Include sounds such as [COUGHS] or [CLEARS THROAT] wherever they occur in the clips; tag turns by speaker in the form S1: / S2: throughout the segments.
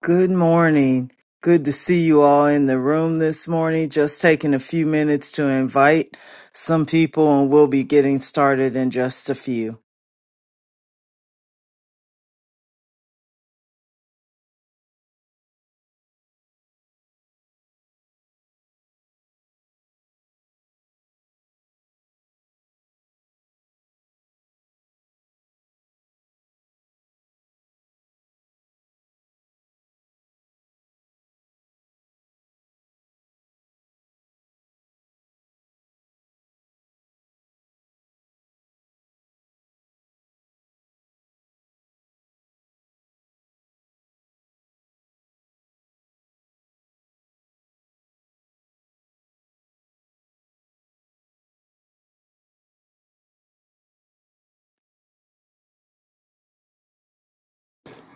S1: Good morning. Good to see you all in the room this morning. Just taking a few minutes to invite some people, and we'll be getting started in just a few.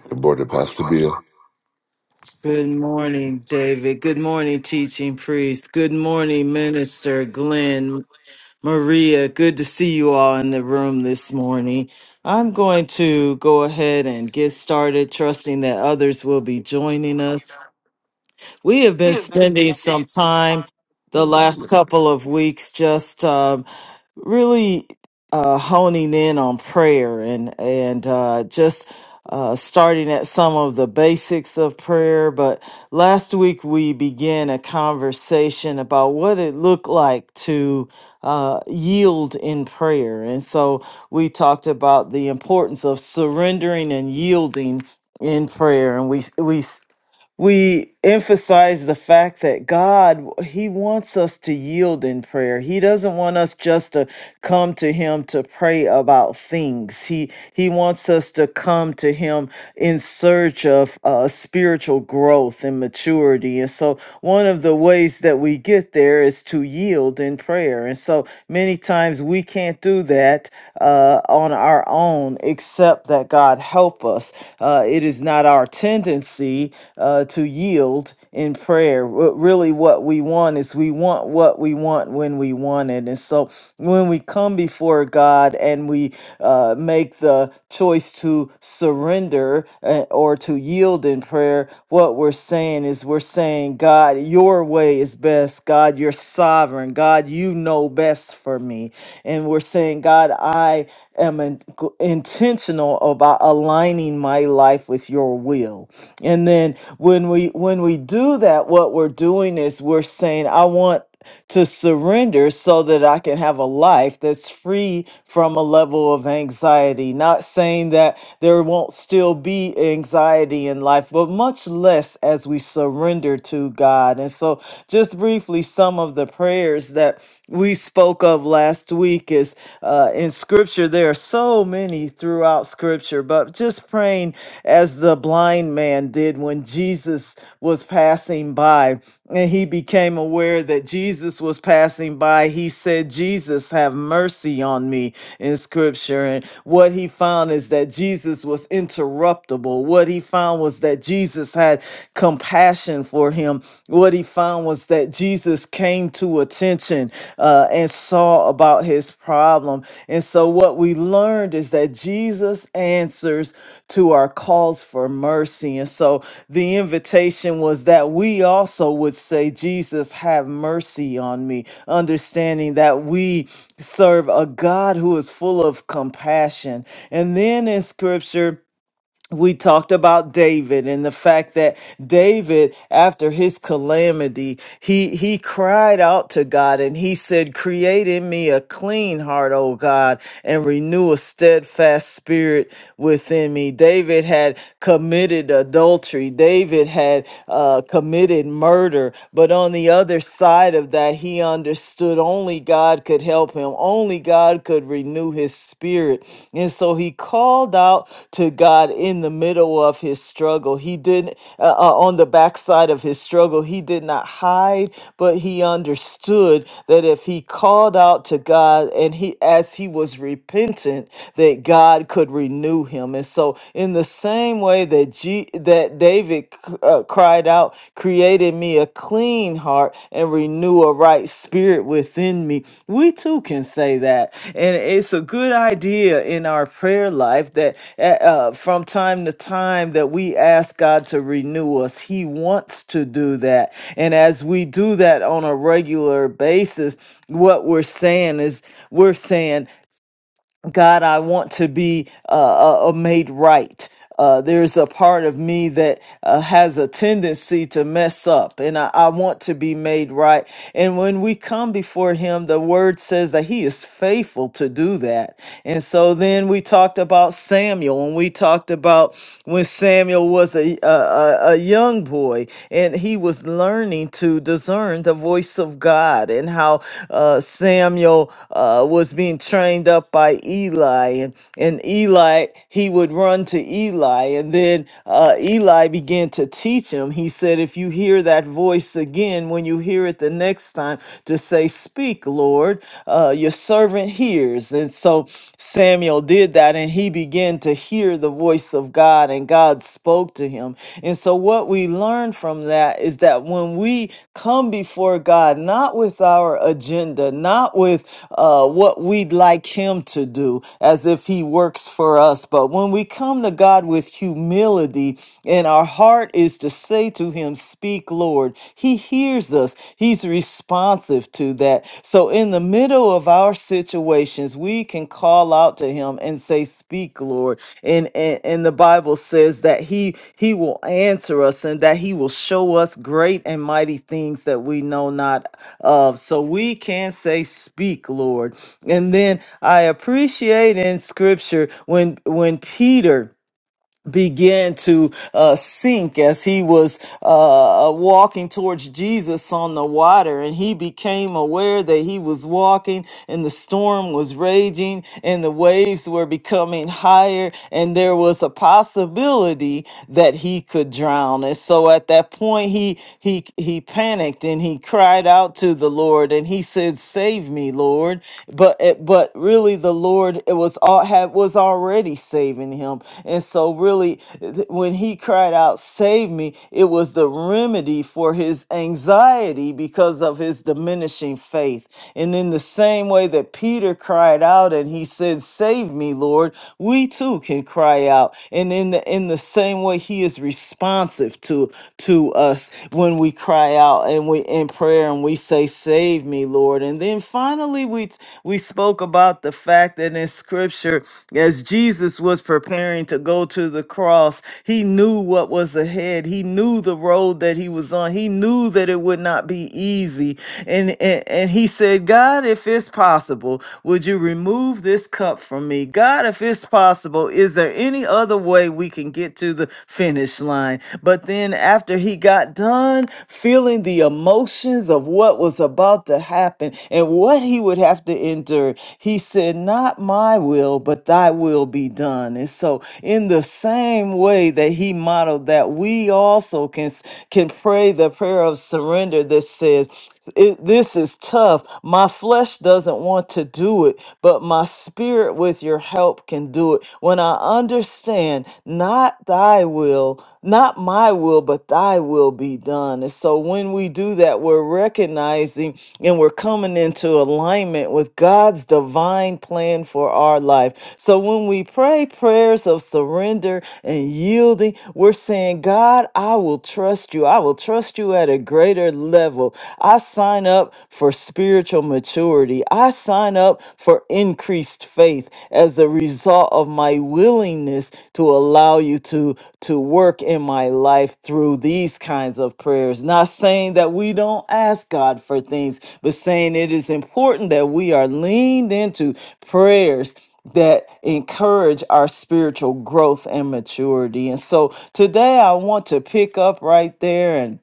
S2: Good morning, Pastor Mia.
S1: Good morning, David. Good morning, teaching priest. Good morning, minister Glenn, Maria. Good to see you all in the room this morning. I'm going to go ahead and get started, trusting that others will be joining us. We have been spending some time the last couple of weeks just um, really uh, honing in on prayer and and uh, just uh, starting at some of the basics of prayer. But last week we began a conversation about what it looked like to uh, yield in prayer, and so we talked about the importance of surrendering and yielding in prayer, and we we we emphasize the fact that God, He wants us to yield in prayer. He doesn't want us just to come to Him to pray about things. He He wants us to come to Him in search of uh, spiritual growth and maturity. And so, one of the ways that we get there is to yield in prayer. And so, many many times we can't do that uh, on our own, except that God help us. Uh, it is not our tendency uh, to yield in prayer. Wh- Really, what we want is we want what we want when we want it. And so when we come before God and we uh, make the choice to surrender, uh, or to yield in prayer, what we're saying is we're saying, God, your way is best. God, you're sovereign. God, you know best for me. And we're saying, God, I am in- intentional about aligning my life with your will. And then when we when we do that, what we're doing is we're saying, I want to surrender so that I can have a life that's free from a level of anxiety. Not saying that there won't still be anxiety in life, but much less as we surrender to God. And so, just briefly, some of the prayers that we spoke of last week is uh, in scripture. There are so many throughout scripture, but just just praying as the blind man did when Jesus was passing by and he became aware that Jesus was passing by. He said, Jesus, have mercy on me in scripture. And what he found is that Jesus was interruptible. What he found was that Jesus had compassion for him. What he found was that Jesus came to to attention uh, and saw about his problem. And so, what we learned is that Jesus answers to our calls for mercy. And so, the invitation was that we also would say, Jesus, have mercy on me, understanding that we serve a God who is full of compassion. And then in scripture, we talked about David and the fact that David, after his calamity, he, he cried out to God and he said, create in me a clean heart, O God, and renew a steadfast spirit within me. David had committed adultery. David had uh, committed murder. But on the other side of that, he understood only God. God could help him. Only God could renew his spirit. And so he called out to God in the middle of his struggle. He didn't, uh, uh, on the backside of his struggle, he did not hide, but he understood that if he called out to God and he, as he was repentant, that God could renew him. And so, in the same way that G, that David. David c- uh, cried out, Create in me a clean heart and renew a right spirit within me. We too can say that. And it's a good idea in our prayer life that uh, uh, from time to time that we ask God to renew us. He wants to do that. And as we do that on a regular basis, what we're saying is we're saying, God, I want to be uh, uh, uh, made right. Uh, there's a part of me that uh, has a tendency to mess up, and I, I want to be made right. And when we come before Him, the Word says that He is faithful to do that. And so then we talked about Samuel, and we talked about when Samuel was a a, a, a young boy, and he was learning learning to discern the voice of God and how uh, Samuel uh, was being trained up by Eli. And, and Eli, he would run to Eli. And then uh, Eli began to teach him. He said, If you hear that voice again, when you hear it the next time, to say, Speak, Lord, uh, your servant hears. And so Samuel did that and he he began to hear the voice of God and God spoke to him. And so, what we learn from that is that when we come before God, not with our agenda, not with uh, what we'd like Him to do, as if He works for us, but when we come to God with humility and our heart is to say to Him, Speak, Lord, He hears us. He's He's responsive to that. So, in the middle of our situations, we can call out to Him and say, "Speak, Lord." And and, and the Bible says that He He will answer us and that He will show us great and mighty things that we know not of. So we can say, "Speak, Lord." And then I appreciate in Scripture when when Peter began to uh, sink as he was uh, walking towards Jesus on the water, and he became aware that he was walking, and the storm was raging, and the waves were becoming higher, and there was a possibility that he could drown. And so, at that point, he he he panicked and he cried out to the Lord, and he said, "Save me, Lord!" But eh, but really really the Lord it was all had was already saving him. And so really th- when he cried out, save me, it was the remedy for his anxiety because of his diminishing faith. And in the same way that Peter cried out and he said, Save me, Lord, we too can cry out. And in the in the same way he is responsive to to us when we cry out and we in prayer and we um, we say, "Save me, Lord." And then finally, we we spoke about the fact that in Scripture, as Jesus was preparing to go to the cross, he knew what was ahead. He knew the road that he was on. He knew that it would not be easy. And and, and he said, "God, if it's possible, would you remove this cup from me? God, if it's possible, is there any other way we can get to the finish line?" done. But then after he got done feeling the emotions of what was about to happen and what he would have to endure, he said, Not my will, but thy will be done. And so, in the same way that he modeled that, we also can, can pray the prayer of surrender that says, it, this is tough. My flesh doesn't want to do it, but my spirit with your help can do it. When I understand, not thy will, not my will, but thy will be done. And so when we do that, we're recognizing and we're coming into alignment with God's divine plan for our life. So when we pray prayers of surrender and yielding, we're saying, God, I will trust you. I will trust you at a greater higher level. I sign up for spiritual maturity. I sign up for increased faith as a result of my willingness to allow you to, to work in my life through these kinds of prayers. Not saying that we don't ask God for things, but saying it is important that we are leaned into prayers that encourage our spiritual growth and maturity. And so today I want to pick up right there and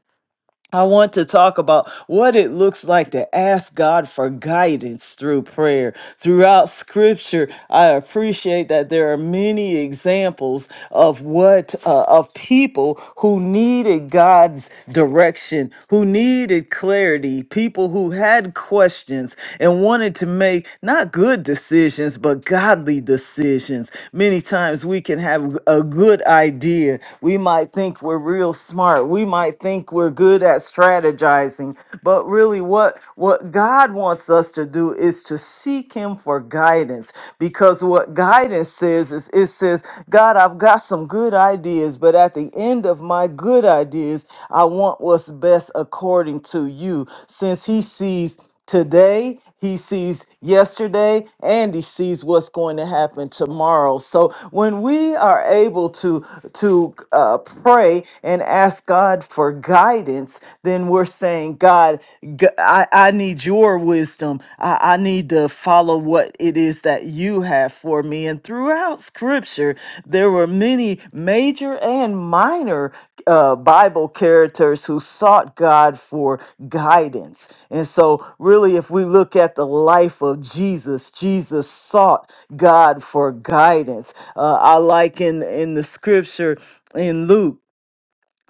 S1: I want to talk about what it looks like to ask God for guidance through prayer. Throughout scripture, I appreciate that there are many examples of what uh, of people who needed God's direction, who needed clarity, people who had questions and wanted to make not good decisions but godly decisions. Many times we can have a good idea. We might think we're real smart. We might think we're good at strategizing, but really what what God wants us to do is to seek him for guidance because what guidance says is it says, "God, I've got some good ideas, but at the end of my good ideas, I want what's best according to you." Since he sees today, he sees yesterday, and he sees what's going to happen tomorrow. So when we are able to to uh, pray and ask God for guidance, then we're saying, God, g- I, I need your wisdom. I, I need to follow what it is that you have for me. And throughout Scripture, there were many major and minor uh, Bible characters who sought God for guidance. And so, really, if we look at the life of Jesus, Jesus sought God for guidance. Uh, I like in, in the scripture in Luke.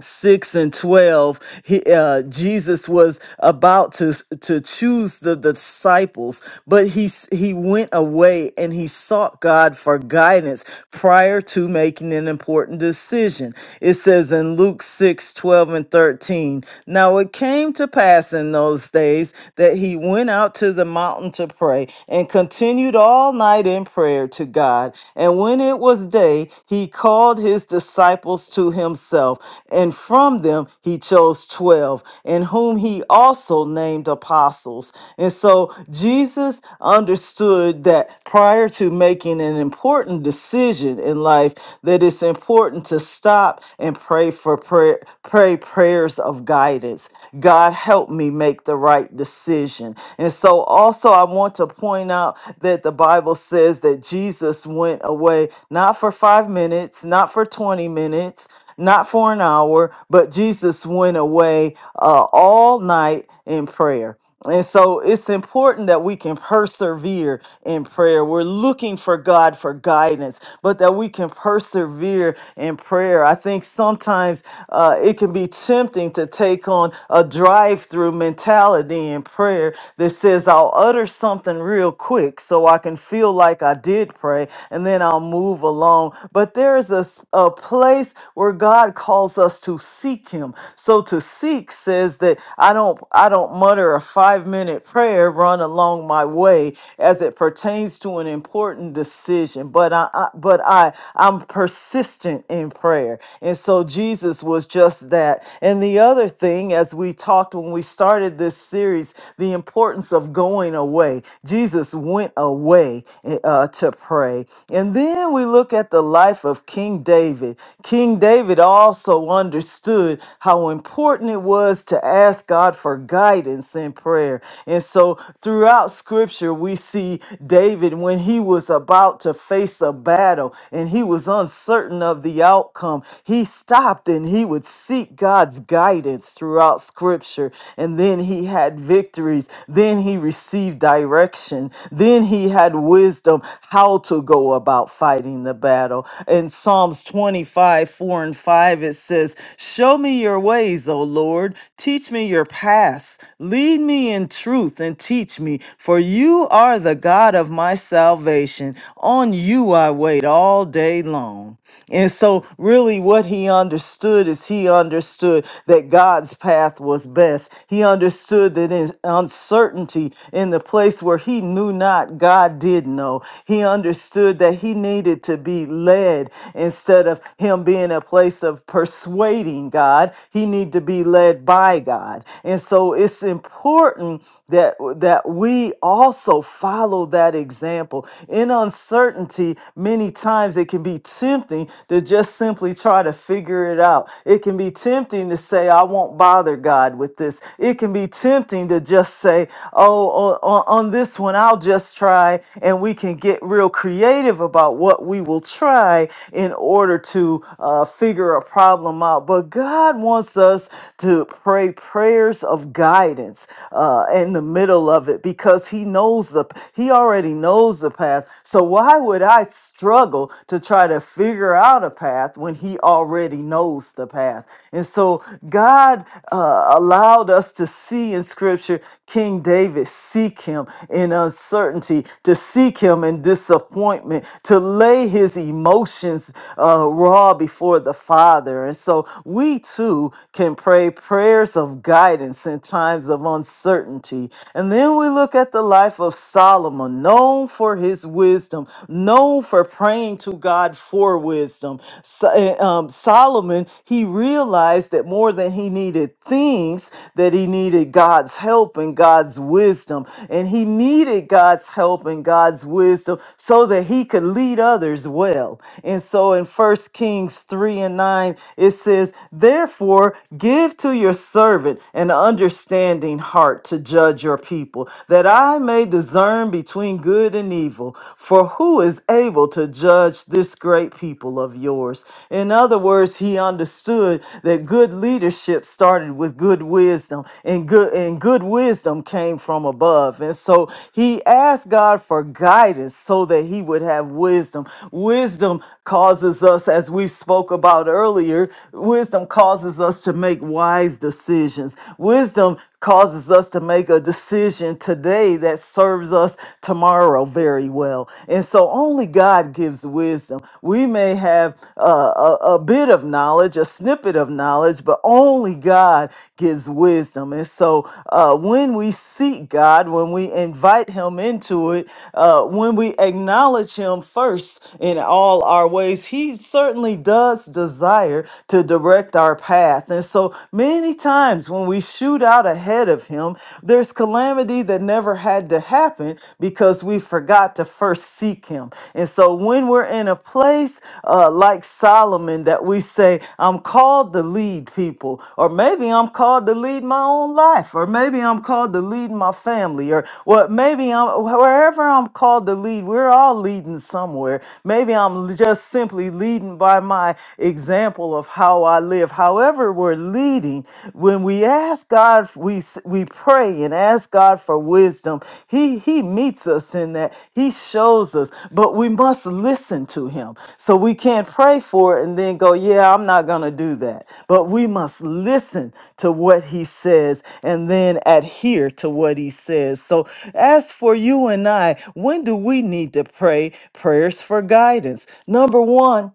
S1: 6 and 12 he, uh, jesus was about to to choose the disciples but he s- he went away and he sought god for guidance prior to making an important decision it says in luke 6, 12, and 13 now it came to pass in those days that he went out to the mountain to pray and continued all night in prayer to god and when it was day he called his disciples to himself and from them he chose 12, and whom he also named apostles. And so Jesus understood that prior to making an important decision in life, that it's important to stop and pray for prayer, pray prayers of guidance. God help me make the right decision. And so also I want to point out that the Bible says that Jesus went away not for 5 minutes, not for 20 minutes, not for an hour, but Jesus went away uh, all night in prayer. And so it's important that we can persevere in prayer. We're looking for God for guidance, but that we can persevere in prayer. I think sometimes uh, it can be tempting to take on a drive through mentality in prayer that says, I'll utter something real quick so I can feel like I did pray, and then I'll move along. But there is a, s- a place where where God calls us to seek him. So to seek says that I don't I don't mutter a 5-minute prayer run along my way as it pertains to an important decision, but I, I but I I'm persistent in prayer. And so Jesus was just that. And the other thing as we talked when we started this series, the importance of going away. Jesus went away eh, uh, to pray. And then we look at the life of King David. King King David also understood how important it was to ask God for guidance in prayer. And so throughout scripture, we see David when he was about to face a battle and he was uncertain of the outcome, he stopped and he would seek God's guidance throughout scripture. And then he had victories. Then he received direction. Then he had wisdom how to go about fighting the battle. In Psalms 25. 4 and 5, it says, Show me your ways, O Lord. Teach me your paths. Lead me in truth and teach me, for you are the God of my salvation. On you I wait all day long. And so, really, what he understood is he understood that God's path was best. He understood that in uncertainty, in the place where he knew not, God did know. He understood that he needed to be led instead of him being be in a place of persuading God. He need to be led by God. And so it's important that that we also follow that example. In uncertainty, many times it can be tempting to just simply try to figure it out. It can be tempting to say I won't bother God with this. It can be tempting to just say, "Oh, on, on on this one I'll just try." And we can get real creative about what we will try in order to uh, figure a problem out, but God wants us to pray prayers of guidance uh, in the middle of it because He knows the He already knows the path. So why would I struggle to try to figure out a path when He already knows the path? And so God uh, allowed us to see in Scripture King David seek Him in uncertainty, to seek Him in disappointment, to lay his emotions uh, raw all before the Father. And so we too can pray prayers of guidance in times of uncertainty. And then we look at the life of Solomon, known for his wisdom, known for praying to God for wisdom. So- eh, um, Solomon, he realized that more than he needed things, that he needed God's help and God's wisdom. And he needed God's help and God's wisdom so that he could lead others well. And so in 1 First Kings 3 and 9, it says, Therefore, give to your servant an understanding heart to judge your people, that I may discern between good and evil. For who is able to judge this great people of yours? In other words, he understood that good leadership started with good wisdom, and good and good wisdom came from above. And so he asked God for guidance so that he would have wisdom. Wisdom causes us as as we spoke about earlier, wisdom causes us to make wise decisions. Wisdom causes us to make a decision today that serves us tomorrow very well. And so only God gives wisdom. We may have uh, a, a bit of knowledge, a snippet of knowledge, but only God gives wisdom. And so uh, when we seek God, when we invite Him into it, uh, when we acknowledge Him first in all our ways, He certainly certainly does desire to direct our path. And so many times when we shoot out ahead of Him, there's calamity that never had to happen because we forgot to first seek Him. And so when we're in a place uh, like Solomon that we say, I'm called to lead people, or maybe I'm called to lead my own life, or maybe I'm called to lead my family, or what maybe I'm wherever I'm called to lead, we're all leading somewhere. Maybe I'm l- just simply leading leading by my example of how I live. However, we're leading, when we ask God, we s- we pray and ask God for wisdom. He he meets us in that. He shows us, but we must listen to him. So we can't pray for it and then go, "Yeah, I'm not going to do that." But we must listen to what he says and then adhere to what he says. So as for you and I, when do we need to pray prayers for guidance? Number 1,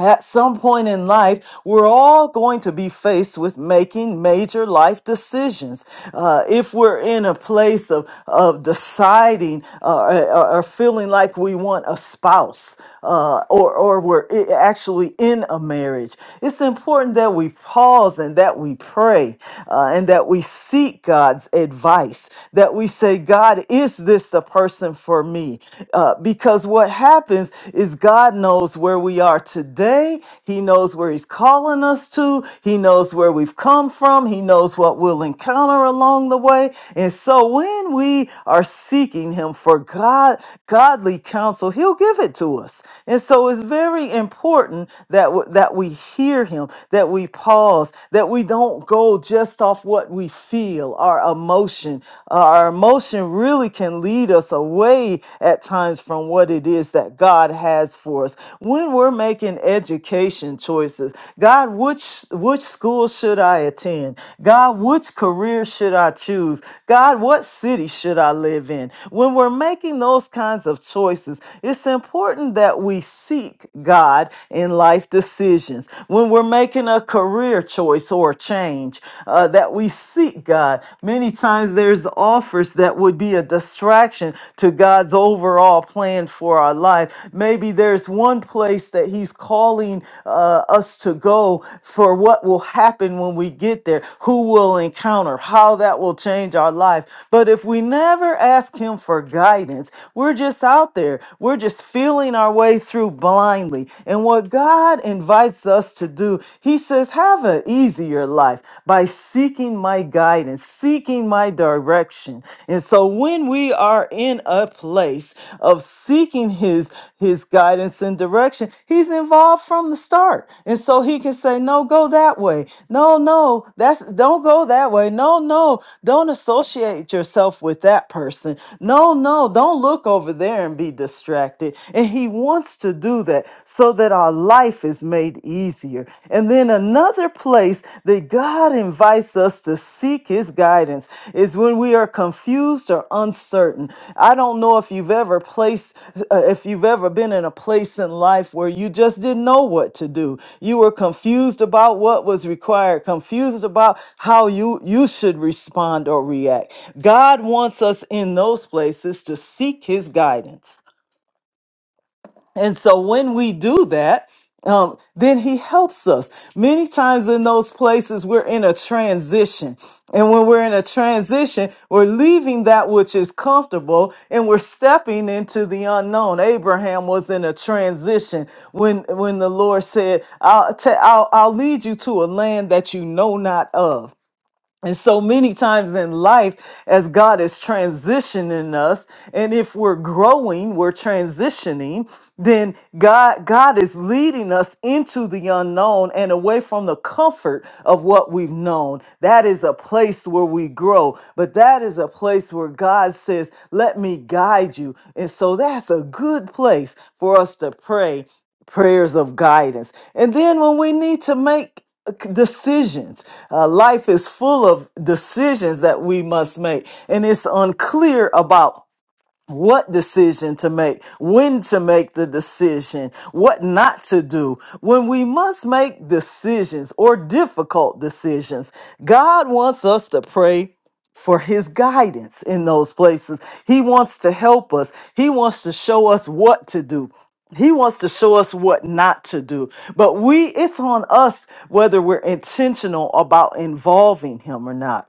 S1: at some point in life, we're all going to be faced with making major life decisions. Uh, if we're in a place of, of deciding uh, or, or feeling like we want a spouse, uh, or, or we're i- actually in a marriage, it's important that we pause and that we pray uh, and that we seek God's advice, that we say, God, is this the person for me? Uh, because what what happens is God knows where we are today. He knows where he's calling us to. He knows where we've come from. He knows what we'll encounter along the way. And so when we are seeking him for God, godly counsel, he'll give it to us. And so it's very important that w- that we hear him, that we pause, that we don't go just off what we feel, our emotion. Uh, our emotion really really can lead us away at times from what it is that God has for us. When we're making education choices, God, which which school should I attend? God, which career should I choose? God, what city should I live in? When we're making those kinds of choices, it's important that we seek God in life decisions. When we're making a career choice or change, uh, that we seek hate God. Many times there's offers that would be a distraction to God's overall plan for our life. Maybe there's one place that He's calling uh, us to go for what will happen when we get there, who will encounter, how that will change our life. But if we never ask Him for guidance, we're just out there. We're just feeling our way through blindly. And what God invites us to do, He says, have an easier life by seeking my guidance, seeking my direction. And so when we are in a place of seeking his his guidance and direction, he's involved from the start. And so he can say, "No, go that way. No, no, that's don't go that way. No, no, don't associate yourself with that person. No, no, don't look over there and be distracted." And he wants to do that so that so that our life is made easier. And then another place that God invites us to seek his guidance is when we are confused or uncertain. I don't know if you've ever placed uh, if you've ever been in a place in life where you just didn't know what to do. You were confused about what was required, confused about how you you should respond or react. God wants us in those places to seek his guidance. And so when we do that, um, then he helps us. Many times in those places, we're in a transition. And when we're in a transition, we're leaving that which is comfortable and we're stepping into the unknown. Abraham was in a transition when, when the Lord said, I'll, ta- I'll, I'll lead you to a land that you know not of. And so many times in life, as God is transitioning us, and if we're growing, we're transitioning, then God, God is leading us into the unknown and away from the comfort of what we've known. That is a place where we grow, but that is a place where God says, Let me guide you. And so that's a good place for us to pray prayers of guidance. And then when we need to make decisions, uh, life is full of decisions that we must make, and it's unclear about what decision to make, when to make the decision, what not to do. When we must make decisions or difficult decisions, God wants us to pray for his guidance in those places. He wants to help us. He wants to show us what to do. He wants to show us what not to do. But we it's on us whether we're intentional about involving him or not.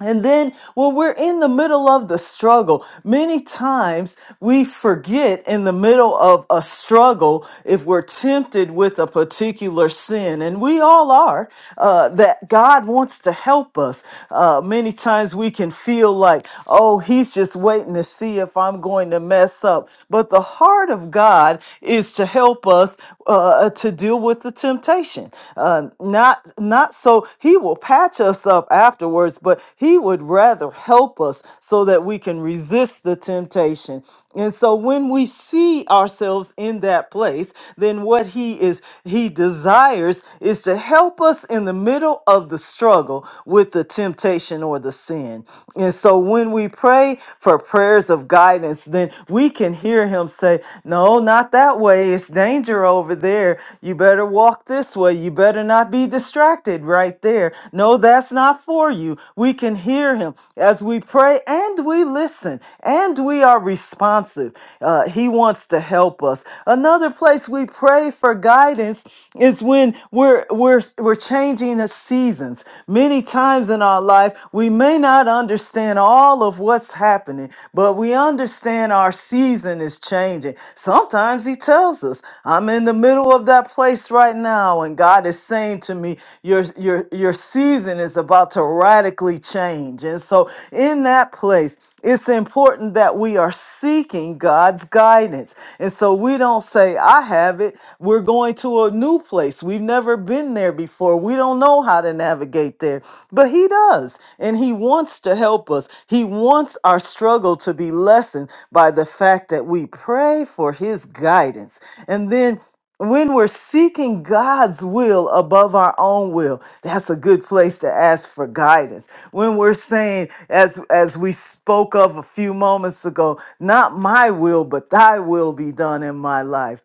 S1: And then when we're in the middle of the struggle, many times we forget in the middle of a struggle if we're tempted with a particular sin, and we all are, uh, that God wants to help us. Uh, many times we can feel like, oh, he's just waiting to see if I'm going to mess up. But the heart of God is to help us uh, to deal with the temptation, uh, not, not so he will patch snatch us up afterwards, but He would rather help us so that we can resist the temptation. And so when we see ourselves in that place, then what He is, He desires is to help us in the middle of the struggle with the temptation or the sin. And so when we pray for prayers of guidance, then we can hear Him say, No, not that way. It's danger over there. You better walk this way. You better not be distracted distracted right there. No, that's not for you. We can hear him as we pray and we listen and we are responsive. Uh, he wants to help us. Another place we pray for guidance is when we're we're we're changing the seasons. Many times in our life, we may not understand all of what's happening, but we understand our season is changing. Sometimes he tells us, I'm in the middle of that place right now now and God is saying to me your your your season is about to radically change. And so in that place it's important that we are seeking God's guidance. And so we don't say I have it. We're going to a new place. We've never been there before. We don't know how to navigate there. But he does. And he wants to help us. He wants our struggle to be lessened by the fact that we pray for his guidance. And then when we're seeking God's will above our own will, that's a good place to ask for guidance. When we're saying, as as we spoke of a few moments ago, not my will, but thy will be done in my life.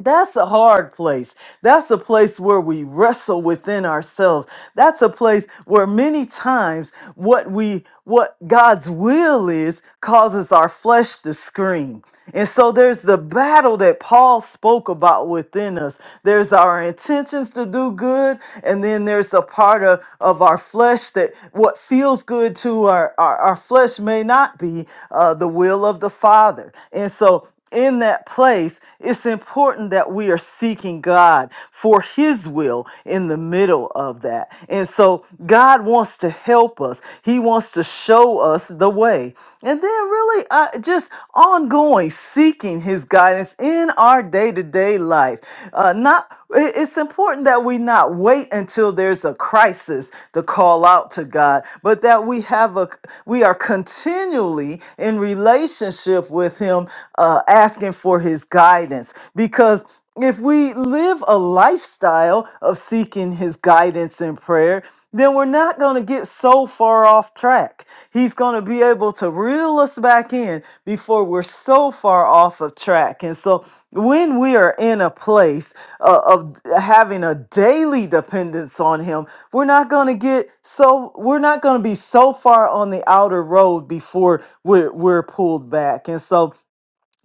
S1: That's a hard place. That's a place where we wrestle within ourselves. That's a place where many times what we what God's will is causes our flesh to scream. And so there's the battle that Paul spoke about within us. There's our intentions to do good, and then there's a part of, of our flesh that what feels good to our, our, our flesh may not be uh, the will of the Father. And so in that place, it's important that we are seeking God for His will in the middle of that. And so God wants to help us, He wants to show us the way. And then, really, uh, just ongoing seeking His guidance in our day to day life. Uh, not it- It's important that we not wait until there's a crisis to call out to God, but that we have a we are continually in relationship with Him uh, asking for his guidance because if we live a lifestyle of seeking his guidance in prayer, then we're not going to get so far off track. He's going to be able to reel us back in before we're so far off of track. And so when we are in a place uh, of having a daily dependence on him, we're not going to get so we're not going to be so far on the outer road before we're, we're pulled back. And so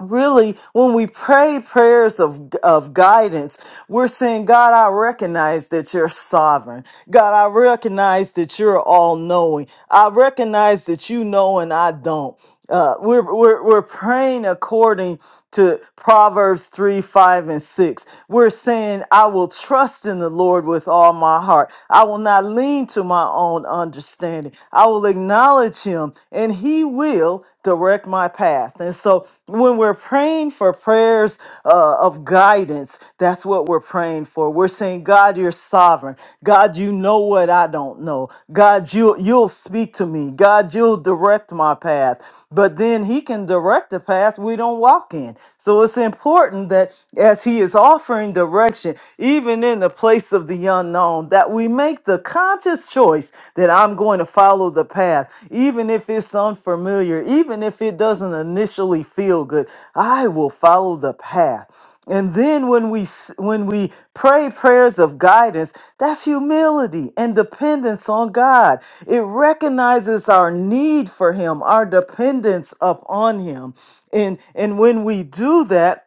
S1: really when we pray prayers of of guidance we're saying god i recognize that you're sovereign god i recognize that you're all knowing i recognize that you know and i don't uh, we're, we're, we're praying according to Proverbs 3, 5, and 6. We're saying, I will trust in the Lord with all my heart. I will not lean to my own understanding. I will acknowledge him, and he will direct my path. And so when we're praying for prayers uh, of guidance, that's what we're praying for. We're saying, God, you're sovereign. God, you know what I don't know. God, you, you'll speak to me. God, you'll direct my path. But then he can direct the path we don't walk in. So it's important that as he is offering direction, even in the place of the unknown, that we make the conscious choice that I'm going to follow the path, even even if it sounds familiar, even if it doesn't initially feel good, I will follow the path. And then when we s- when we pray prayers of guidance, that's humility and dependence on God. It recognizes our need for him, our dependence upon him. And and when we do that,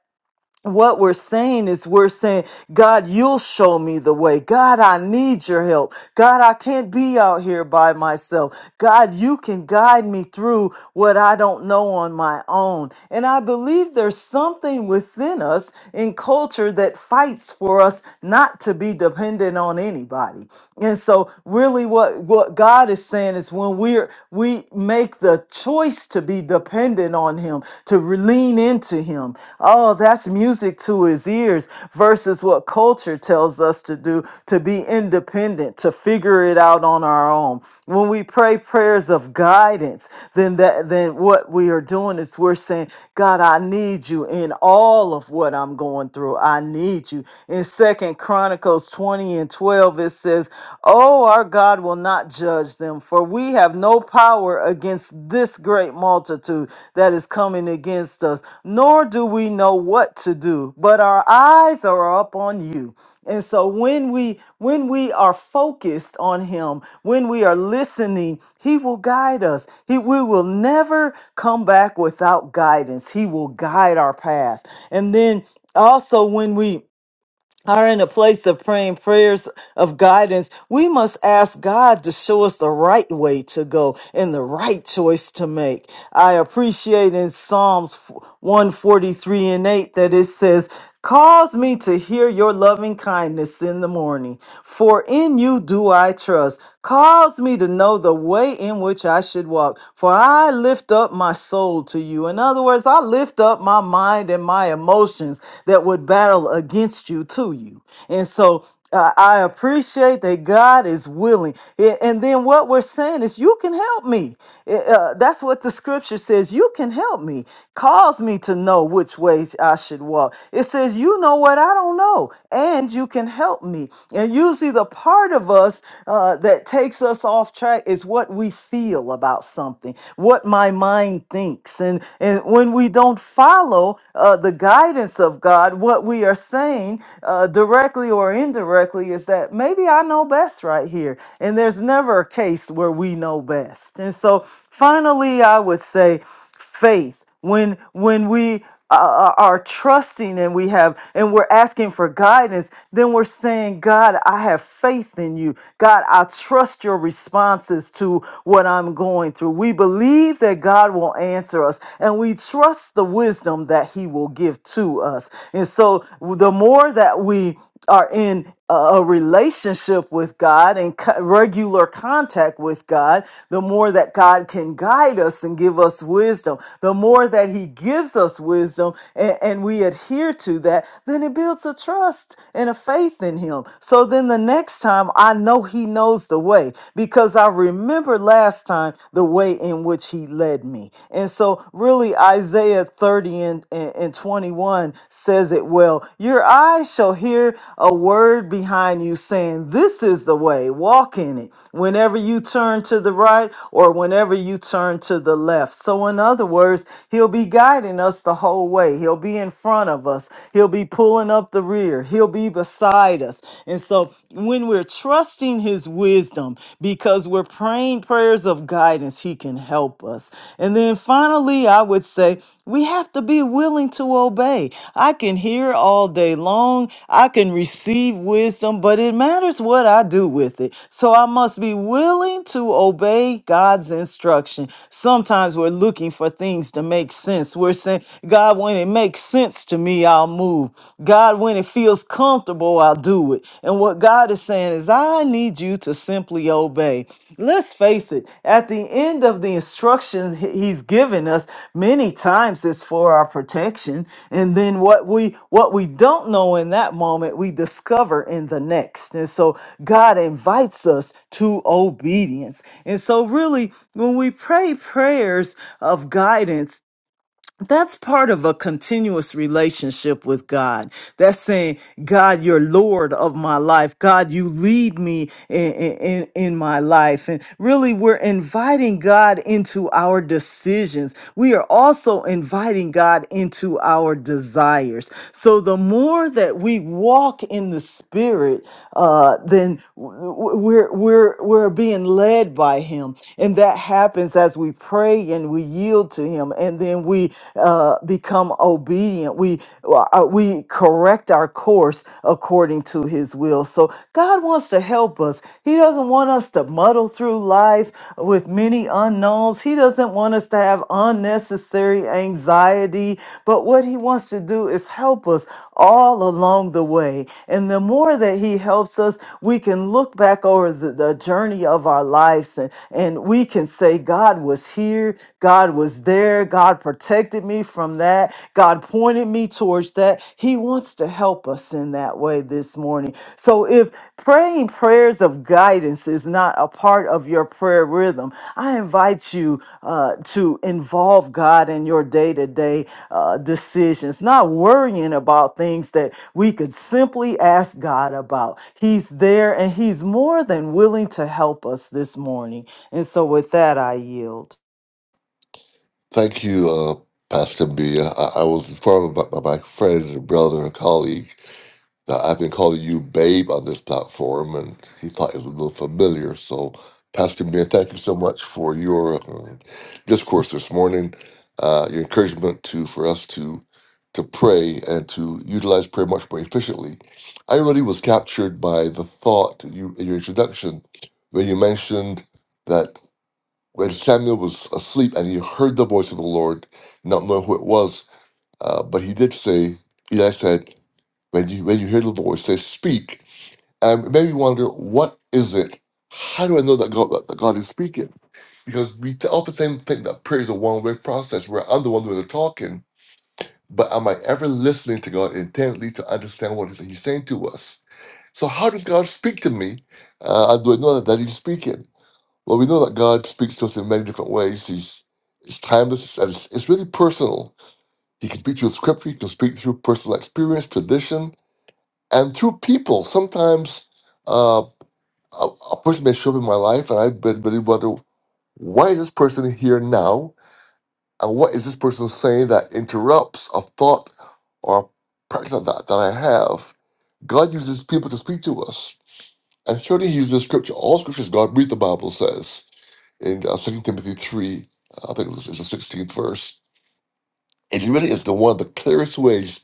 S1: what we're saying is we're saying god you'll show me the way god i need your help god i can't be out here by myself god you can guide me through what i don't know on my own and i believe there's something within us in culture that fights for us not to be dependent on anybody and so really what what god is saying is when we're we make the choice us to be dependent on Him, to re- lean into Him. Oh, that's music to His ears versus what culture tells us to do, to be independent, to figure it out on our own. When we pray prayers of guidance, then that then what we are doing is we're saying, God, I need you in all of what I'm going through. I need you. In Second Chronicles 20 and 12, it says, Oh, our our God will not judge them, for we have no power against this great multitude that is coming against us, nor do we know what to do, but our eyes are upon you. And so when we when we are focused on him, when we are listening, he will guide us. He we will never come back without guidance. He will guide our path. And then also when we are in a place of praying prayers of guidance, we must ask God to show us the right way to go and the right choice to make. I appreciate in Psalms 143 and 8 that it says, Cause me to hear your loving kindness in the morning, for in you do I trust. Cause me to know the way in which I should walk, for I lift up my soul to you. In other words, I lift up my mind and my my emotions that would battle against you to you. And so uh, I appreciate that God is willing. A- And then what we're saying is, you can help me. Uh, uh, that's what the scripture says. You can help me. Cause me to know which ways I should walk. It says, you know what I don't know, and you can help me. And usually, the part of us uh, that takes us off track is what we feel about something, what my mind thinks mistakes and and when we don't follow uh, the guidance of God, what we are saying uh, directly or indirectly is that maybe I know best right here, and there's never a case where we know best. And so finally, I would say faith when when we uh, uh, are trusting and we have and we're asking for guidance then we're saying god i have faith in you god i trust your responses to what i'm going through we believe that god will answer us and we trust the wisdom that he will give to us and so the more that we are in a a relationship with God and co- regular contact with God, the more that God can guide us and give us wisdom, the more that He gives us wisdom and, and we adhere to that, then it builds a trust and a faith in Him. So then the next time I know He knows the way because I remember last time the way in which He led me. And so, really, Isaiah. Isaiah 30 and, and, and 21 says it well. Your eyes shall hear a word behind you saying, This is the way, walk in it, whenever you turn to the right or whenever you turn to the left. So, in other words, He'll be guiding us the whole way. He'll be in front of us, He'll be pulling up the rear, He'll be beside us. And so, when we're trusting His wisdom, because as we're praying prayers of guidance, He can help us. And then finally, I would say we have to be willing to obey. I can hear all day long, I can receive wisdom, but it matters what I do with it. So I must be willing to obey God's instruction. Sometimes we're looking for things to make sense. We're saying, God, when it makes sense to me, I'll move. God, when it feels comfortable, I'll do it. And what God is saying is, I need you to simply obey. Let's face it, at the end of the instructions he- He's given us, many times it's for our protection. And then what we what we don't know in that moment, we discover in the next. And so God invites us to obedience. And so really, when we pray prayers of guidance, that's part of a continuous relationship with God. That's saying, God, you're Lord of my life. God, you lead me in, in, in my life. And really, we're inviting God into our decisions. We are also inviting God into our desires. So the more that we walk in the Spirit, uh, then w- w- we're, we're, we're being led by Him. And that happens as we pray and we yield yield to Him, and then we uh, become obedient. We uh, we correct our course according to His will. So God wants to help us. He doesn't want us to muddle through life with many unknowns. He doesn't want us to have unnecessary anxiety. But what He wants to do is help us all along the way. And the more that He helps us, we can look back over the, the journey of our lives and, and we can say, God. God was here, God was there, God protected me from that, God pointed me towards that. He wants to help us in that way this morning. So if praying prayers of guidance is not a part of your prayer rhythm, I invite you uh, to involve God in your day to day decisions, not worrying about things that we could simply ask God about. He's there and He's more than willing to help us this morning. And so with that, I yield.
S2: Thank you, uh, Pastor Mia. I, I was informed by, by my friend and brother and colleague that I've been calling you Babe on this platform, and he thought it was a little familiar. So, Pastor Mia, thank you so much for your uh, discourse this morning, uh, your encouragement to for us to to pray and to utilize prayer much more efficiently. I really was captured by the thought you in your introduction when you mentioned that. when Samuel was asleep and he heard the voice of the Lord, not knowing who it was, uh, but he did say, Eli said, when you, when you hear the voice, say, speak. And it made me wonder, what is it? How do I know that God, that God is speaking? Because we t- often think that prayer is a one way process where I'm the one doing the talking, but am I ever listening to God intently to understand what He's He's saying to us? So, how does God speak to me? Uh, and do I know that, that He's speaking? Well, we know that God speaks to us in many different ways. He's it's timeless and it's, it's really personal. He can speak through scripture. He can speak through personal experience, tradition, and through people. Sometimes uh, a, a person may show up in my life, and I've been really wondering why is this person here now, and what is this person saying that interrupts a thought or a practice of that that I have. God uses people to speak to us, and certainly He uses scripture. All scripture is God breathed. The Bible says. in uh, 2 Timothy 3, I think it's, it's the 16th verse. It really is the one of the clearest ways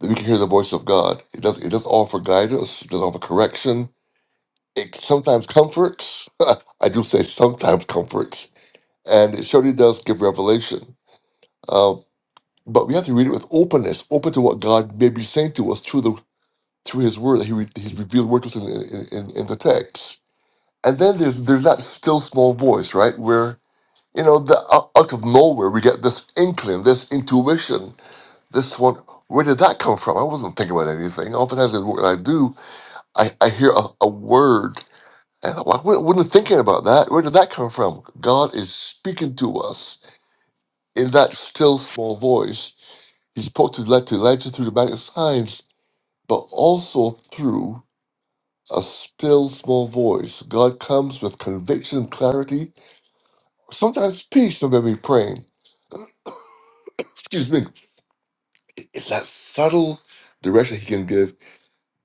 S2: that we can hear the voice of God. It does it does offer guidance, it does offer correction. It sometimes comforts. [LAUGHS] I do say sometimes comforts, and it surely does give revelation. Uh, but we have to read it with openness, open to what God may be saying to us through the through His Word that He re, He's revealed Word, to us in, in, in, in the text. And then there's there's that still small voice, right? Where You know, the, out out of nowhere, we get this inkling, this intuition, this one. Where did that come from? I wasn't thinking about anything. Oftentimes, in what I do, I, I hear a, a word, and I'm like, I wasn't thinking about that. Where did that come from? God is speaking to us in that still small voice. He spoke to let to Elijah through the magic signs, but also through a still small voice. God comes with conviction, clarity, sometimes peace when we're praying. Excuse me, It's that subtle direction he can give,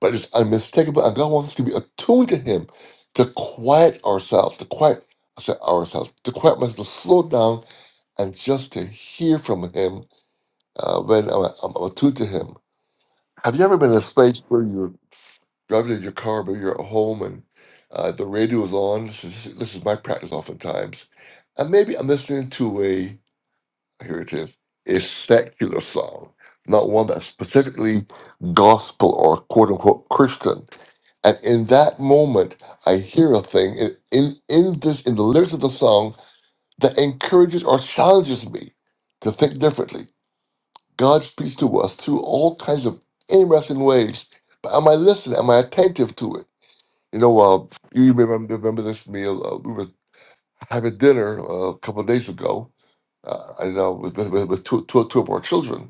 S2: but it's unmistakable. And God wants us to be attuned to him, to quiet ourselves, to quiet I said ourselves, to quiet myself, to slow down, and just to hear from him uh, when I'm, I'm attuned to him. Have you ever been in a space where you're driving in your car, but you're at home, and uh, the radio is on? This is, this is my practice oftentimes. And maybe I'm listening to a here it is, a secular song, not one that's specifically gospel or quote unquote Christian. And in that moment, I hear a thing in, in, in this in the lyrics of the song that encourages or challenges me to think differently. God speaks to us through all kinds of interesting ways. But am I listening? Am I attentive to it? You know, uh, you remember, remember this meal? Uh, we were having dinner uh, a couple of days ago, uh, I know with, with, with two, two, two of our children,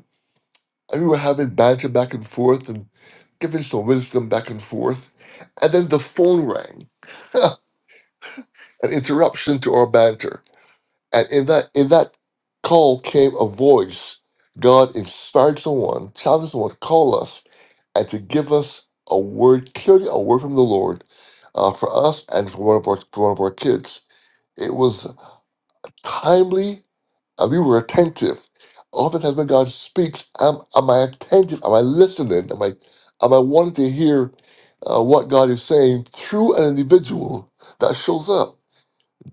S2: and we were having banter back and forth and giving some wisdom back and forth. And then the phone rang, [LAUGHS] an interruption to our banter. And in that in that call came a voice. God inspired someone, challenged someone to call us and to give us a word, clearly a word from the Lord uh, for us and for one of our for one of our kids. It was timely and we were attentive. Oftentimes when God speaks, am, am I attentive? Am I listening? Am I, am I wanting to hear uh, what God is saying through an individual that shows up?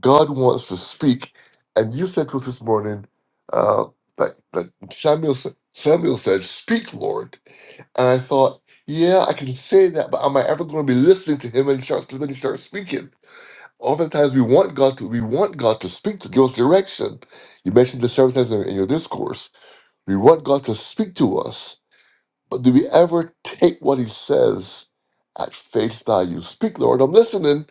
S2: God wants to speak. And you said to us this morning uh, that, that Samuel, sa- Samuel said, Speak, Lord. And I thought, yeah, I can say that, but am I ever going to be listening to him when he starts, when he starts speaking? Oftentimes we want God to we want God to speak to give us direction. You mentioned this several times in in your discourse. We want God to speak to us, but do we ever take what He says at face value? Speak, Lord, I'm listening,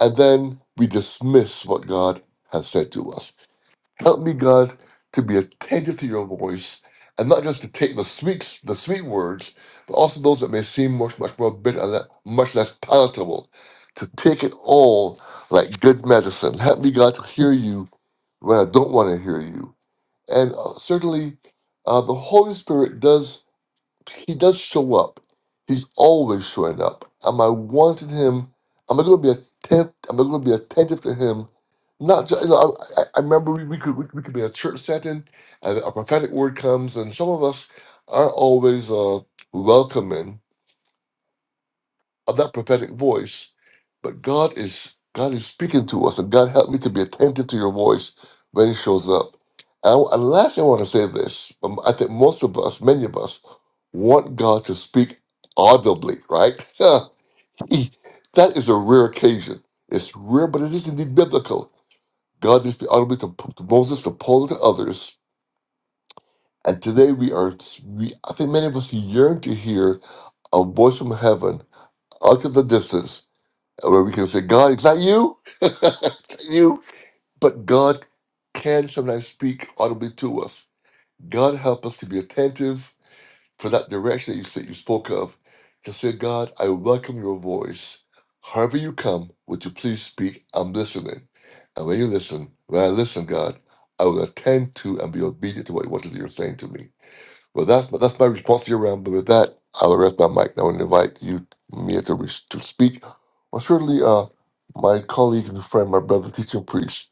S2: and then we dismiss what God has said to us. Help me, God, to be attentive to your voice and not just to take the sweet, the sweet words, but also those that may seem much, much more bitter and le- much less palatable. To take it all like good medicine. Help me, God, to hear you when I don't want to hear you. And uh, certainly, uh, the Holy Spirit does he does show up. He's always showing up. Am I wanting him? Am I going to be attentive? Am I going to be attentive to him? Not just. You know, I, I I remember we, we could we, we could be in a church setting, and a prophetic word comes, and some of us aren't always uh, welcoming of that prophetic voice, but God is God is speaking to us, and God help me to be attentive to your voice when He shows up. And, and lastly, I want to say this: um, I think most of us, many of us, want God to speak audibly, right? [LAUGHS] He- that is a rare occasion. It's rare, but it is indeed biblical. God did speak audibly to, to Moses, to Paul, and to others. And today we are, we, I think many of us yearn to hear a voice from heaven out of the distance where we can say, God, it's not you, [LAUGHS] it's not you, but God can sometimes speak audibly to us. God help us to be attentive for that direction that you, that you spoke of. To say, God, I welcome your voice. However you come, would you please speak? I'm listening. And when you listen, when I listen, God, I will attend to and be obedient to what, what it is you're saying to me. Well, that's that's my response to your round. But with that, I'll rest my mic. I want to invite you, Mia, to, re- to speak. Well, surely uh, my colleague and friend, my brother, teaching priest,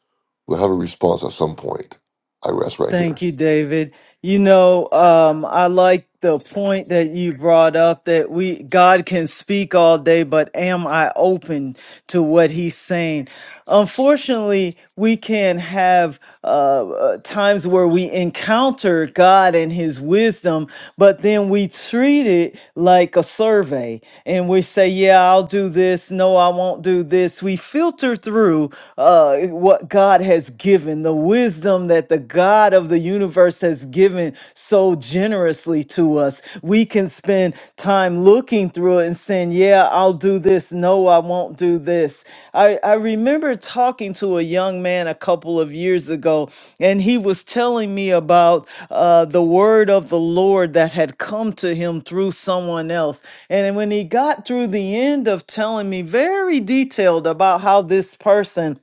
S2: will have a response at some point. I rest right here.
S1: Thank you, David. You know, um, I like the point that you brought up that we God can speak all day, but am I open? to what he's saying. Unfortunately, we can have uh, uh, times where we encounter God and his wisdom, but then we treat it like a survey and we say, Yeah, I'll do this. No, I won't do this. We filter through uh, what God has given, the wisdom that the God of the universe has given so generously generously to us. We can spend time looking through it and saying, Yeah, I'll do this. No, I won't do this. I, I remember talking to a young man a couple of years ago, and he was telling me about uh, the word of the Lord that had come to him through someone else. And when he got through the end of telling me very detailed about how this person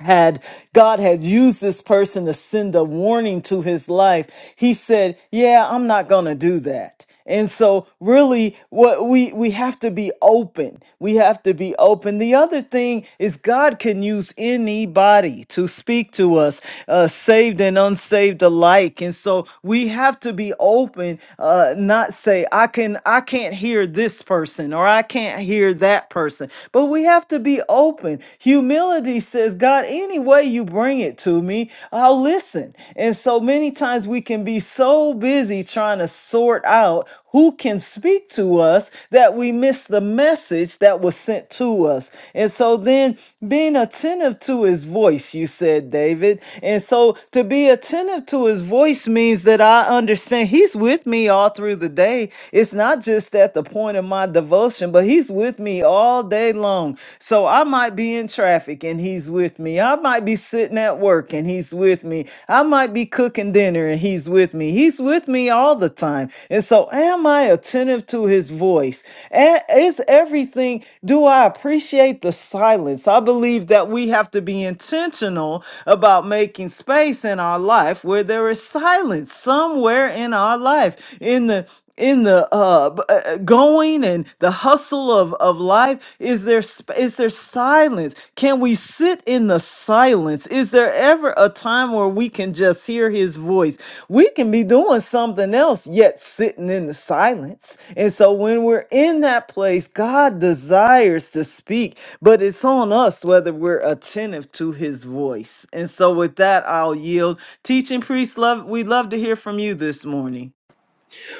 S1: had God had used this person to send a warning to his life, he said, "Yeah, I'm not going to do that." And so really what we we have to be open. We have to be open. The other thing is God can use anybody to speak to us, uh, saved and unsaved alike. And so we have to be open, uh, not say I can I can't can't hear this person or I can't hear that person. But we have to be open. Humility says, God, any way you bring it to me, I'll listen. And so many times we can be so busy trying to sort out who can speak to us that we miss the message that was sent to us. And so then being attentive to his voice, you said, David. And so to be attentive to his voice means that I understand he's with me all through the day. It's not just at the point of my devotion, but he's with me all day long. So I might be in traffic and he's with me. I might be sitting at work and he's with me. I might be cooking dinner and he's with me. He's with me all the time. And so am I attentive to his voice? A- Is every everything, do I appreciate the silence? I believe that we have to be intentional about making space in our life where there is silence somewhere in our life, in the in the uh, b- uh, uh, going and the hustle of, of life is there sp- is there silence can we sit in the silence is there ever a time where we can just hear his voice we can be doing something else yet sitting in the silence. And so when we're in that place, God desires to speak, but it's on us whether we're attentive to his voice. And so with that, I'll yield. Teaching priest, love we'd love to hear from you this morning.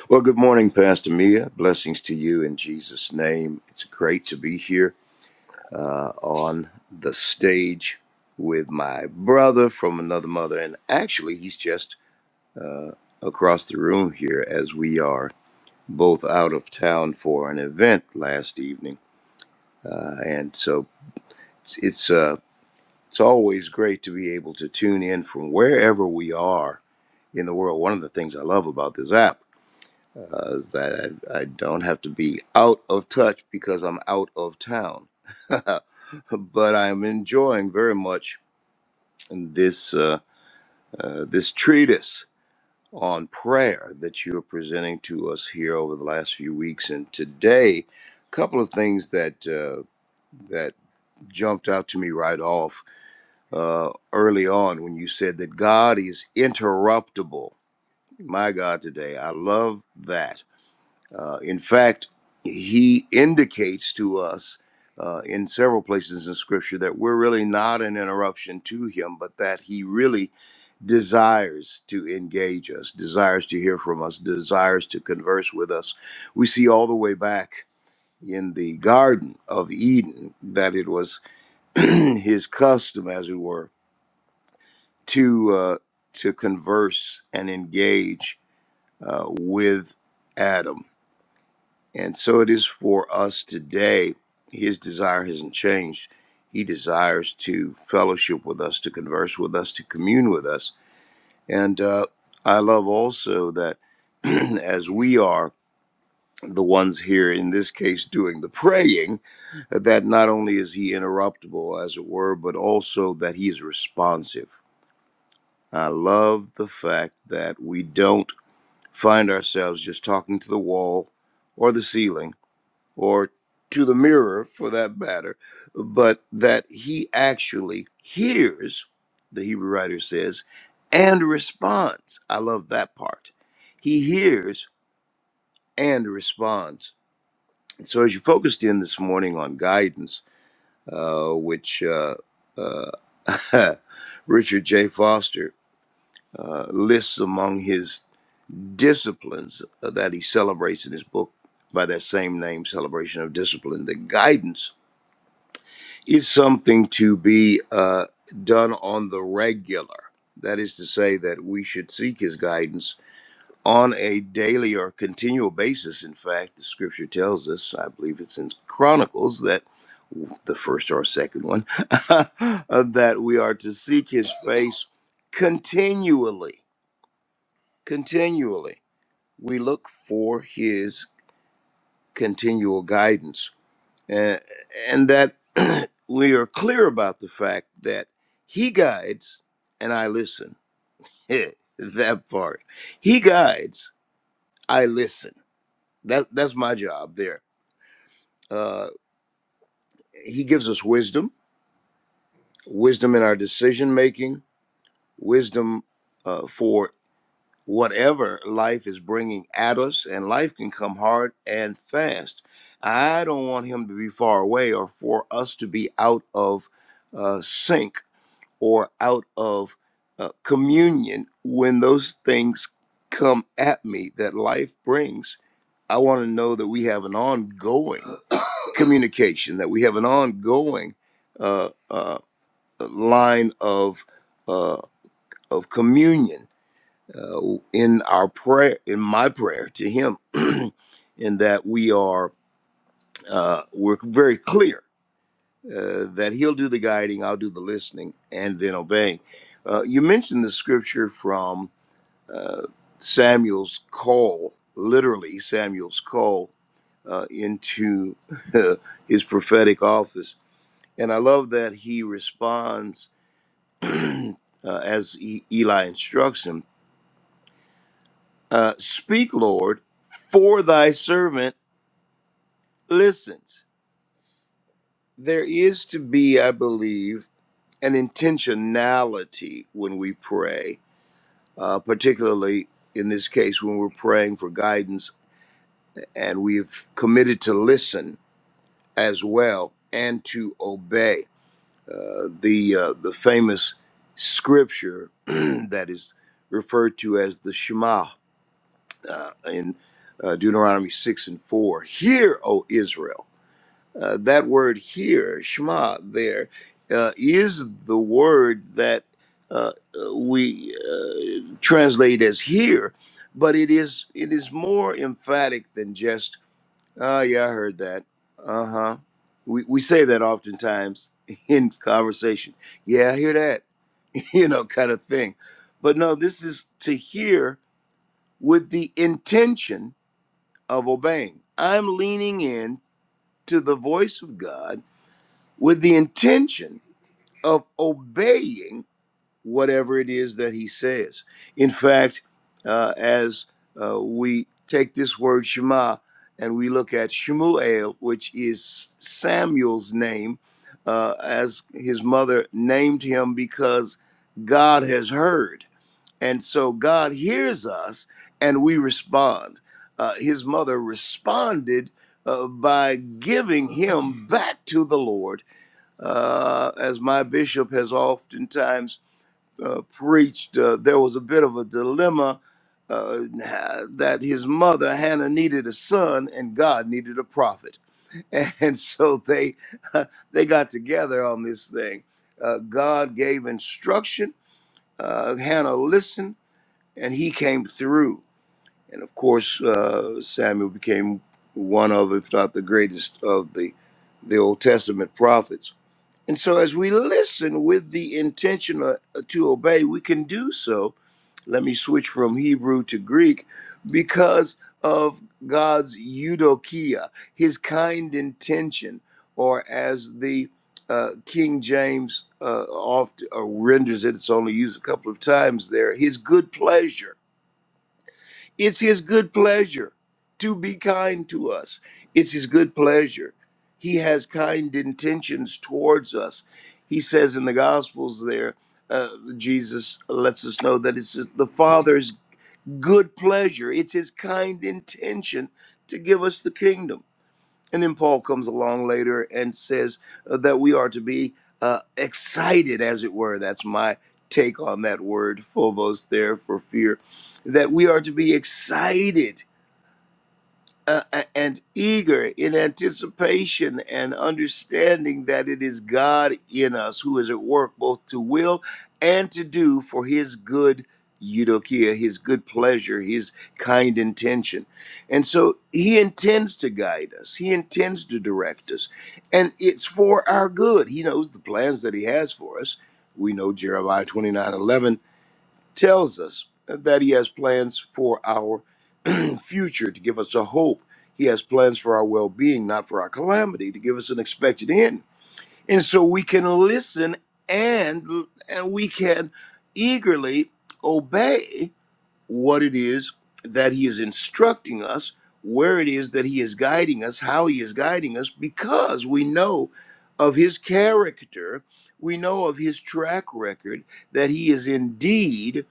S3: Well, good morning, Pastor Mia. Blessings to you in Jesus' name. It's great to be here uh, on the stage with my brother from another mother. And actually, he's just across the room here as we are both out of town for an event last evening. Uh, and so it's, it's, uh, it's always great to be able to tune in from wherever we are in the world. One of the things I love about this app because that I, I don't have to be out of touch because I'm out of town. [LAUGHS] but I'm enjoying very much this uh, uh, this treatise on prayer that you are presenting to us here over the last few weeks, and today, a couple of things that uh, that jumped out to me right off uh, early on when you said that God is interruptible. My God, today I love that Uh, in fact, he indicates to us uh, in several places in Scripture that we're really not an interruption to him, but that he really desires to engage us, desires to hear from us, desires to converse with us. We see all the way back in the Garden of Eden that it was [CLEARS THROAT] his custom, as it were, to uh, to converse and engage uh, with Adam And so it is for us today. His desire hasn't changed. He desires to fellowship with us, to converse with us, to commune with us. And uh, I love also that [CLEARS THROAT] as we are the ones here, in this case, doing the praying, that not only is he interruptible, as it were, but also that he is responsive. I love the fact that we don't find ourselves just talking to the wall or the ceiling or to the mirror for that matter, but that he actually hears, the Hebrew writer says, and responds. I love that part. He hears and responds. And so, as you focused in this morning on guidance, uh, which uh, uh, [LAUGHS] Richard J. Foster uh, lists among his disciplines uh, that he celebrates in his book by that same name, Celebration of Discipline, the guidance is something to be uh, done on the regular. That is to say, that we should seek his guidance on a daily or continual basis. In fact, the scripture tells us, I believe it's in Chronicles, that the first or second one, [LAUGHS] that we are to seek his face continually. Continually. We look for his continual guidance and, and that [CLEARS THROAT] we are clear about the fact that he guides and I listen. [LAUGHS] that part. He guides, I listen. That that's my job there. Uh, he gives us wisdom, wisdom in our decision making, wisdom uh, for whatever life is bringing at us, and life can come hard and fast. I don't want him to be far away or for us to be out of uh, sync or out of uh, communion when those things come at me that life brings. I want to know that we have an ongoing [COUGHS] communication, that we have an ongoing uh, uh, line of uh, of communion uh, in our prayer, in my prayer to Him, [CLEARS THROAT] in that we are uh, we're very clear uh, that he'll do the guiding, I'll do the listening, and then obeying. Uh, you mentioned the scripture from uh, Samuel's call, literally Samuel's call uh, into [LAUGHS] his prophetic office. And I love that he responds [CLEARS THROAT] uh, as E- Eli instructs him uh, Speak, Lord, for thy servant listens. There is to be, I believe, an intentionality when we pray uh, particularly in this case when we're praying for guidance and we've committed to listen as well and to obey. Uh, the uh, the famous scripture [CLEARS THROAT] that is referred to as the Shema uh, in uh, Deuteronomy six and four. Hear, O Israel. Uh, that word here, Shema, there, uh, is the word that uh, uh, we uh, translate as here, but it is it is more emphatic than just "Oh yeah, I heard that." Uh huh. We we say that oftentimes [LAUGHS] in conversation. Yeah, I hear that. [LAUGHS] you know, kind of thing. But no, this is to hear with the intention of obeying. I'm leaning in to the voice of God with the intention of obeying whatever it is that he says. In fact, uh, as uh, we take this word Shema and we look at Shemuel, which is Samuel's name, uh, as his mother named him because God has heard. And so God hears us and we respond. Uh, his mother responded uh, by giving him back to the Lord uh, as my bishop has oftentimes uh, preached, uh, there was a bit of a dilemma uh, that his mother, Hannah, needed a son and God needed a prophet. [LAUGHS] And so they, [LAUGHS] they got together on this thing. Uh, God gave instruction, uh, Hannah listened, and he came through. And of course, uh, Samuel became one of, if not the greatest, of the, the Old Testament prophets. And so, as we listen with the intention uh, to obey, we can do so. Let me switch from Hebrew to Greek because of God's eudokia, his kind intention, or as the uh, King James uh, oft uh, renders it, it's only used a couple of times there, his good pleasure it's his good pleasure to be kind to us. It's his good pleasure. He has kind intentions towards us. He says in the Gospels there, uh, Jesus lets us know that it's the Father's good pleasure. It's his kind intention to give us the kingdom. And then Paul comes along later and says uh, that we are to be uh, excited, as it were. That's my take on that word, phobos, there for fear. That we are to be excited uh, and eager in anticipation and understanding that it is God in us who is at work both to will and to do for his good eudokia, his good pleasure, his kind intention. And so he intends to guide us, he intends to direct us, and it's for our good. He knows the plans that he has for us. We know Jeremiah 29:11 tells us that he has plans for our [CLEARS THROAT] future to give us a hope. He has plans for our well being, not for our calamity, to give us an expected end. And so we can listen and, and we can eagerly obey what it is that he is instructing us, where it is that he is guiding us, how he is guiding us, because we know of his character, we know of his track record, that he is indeed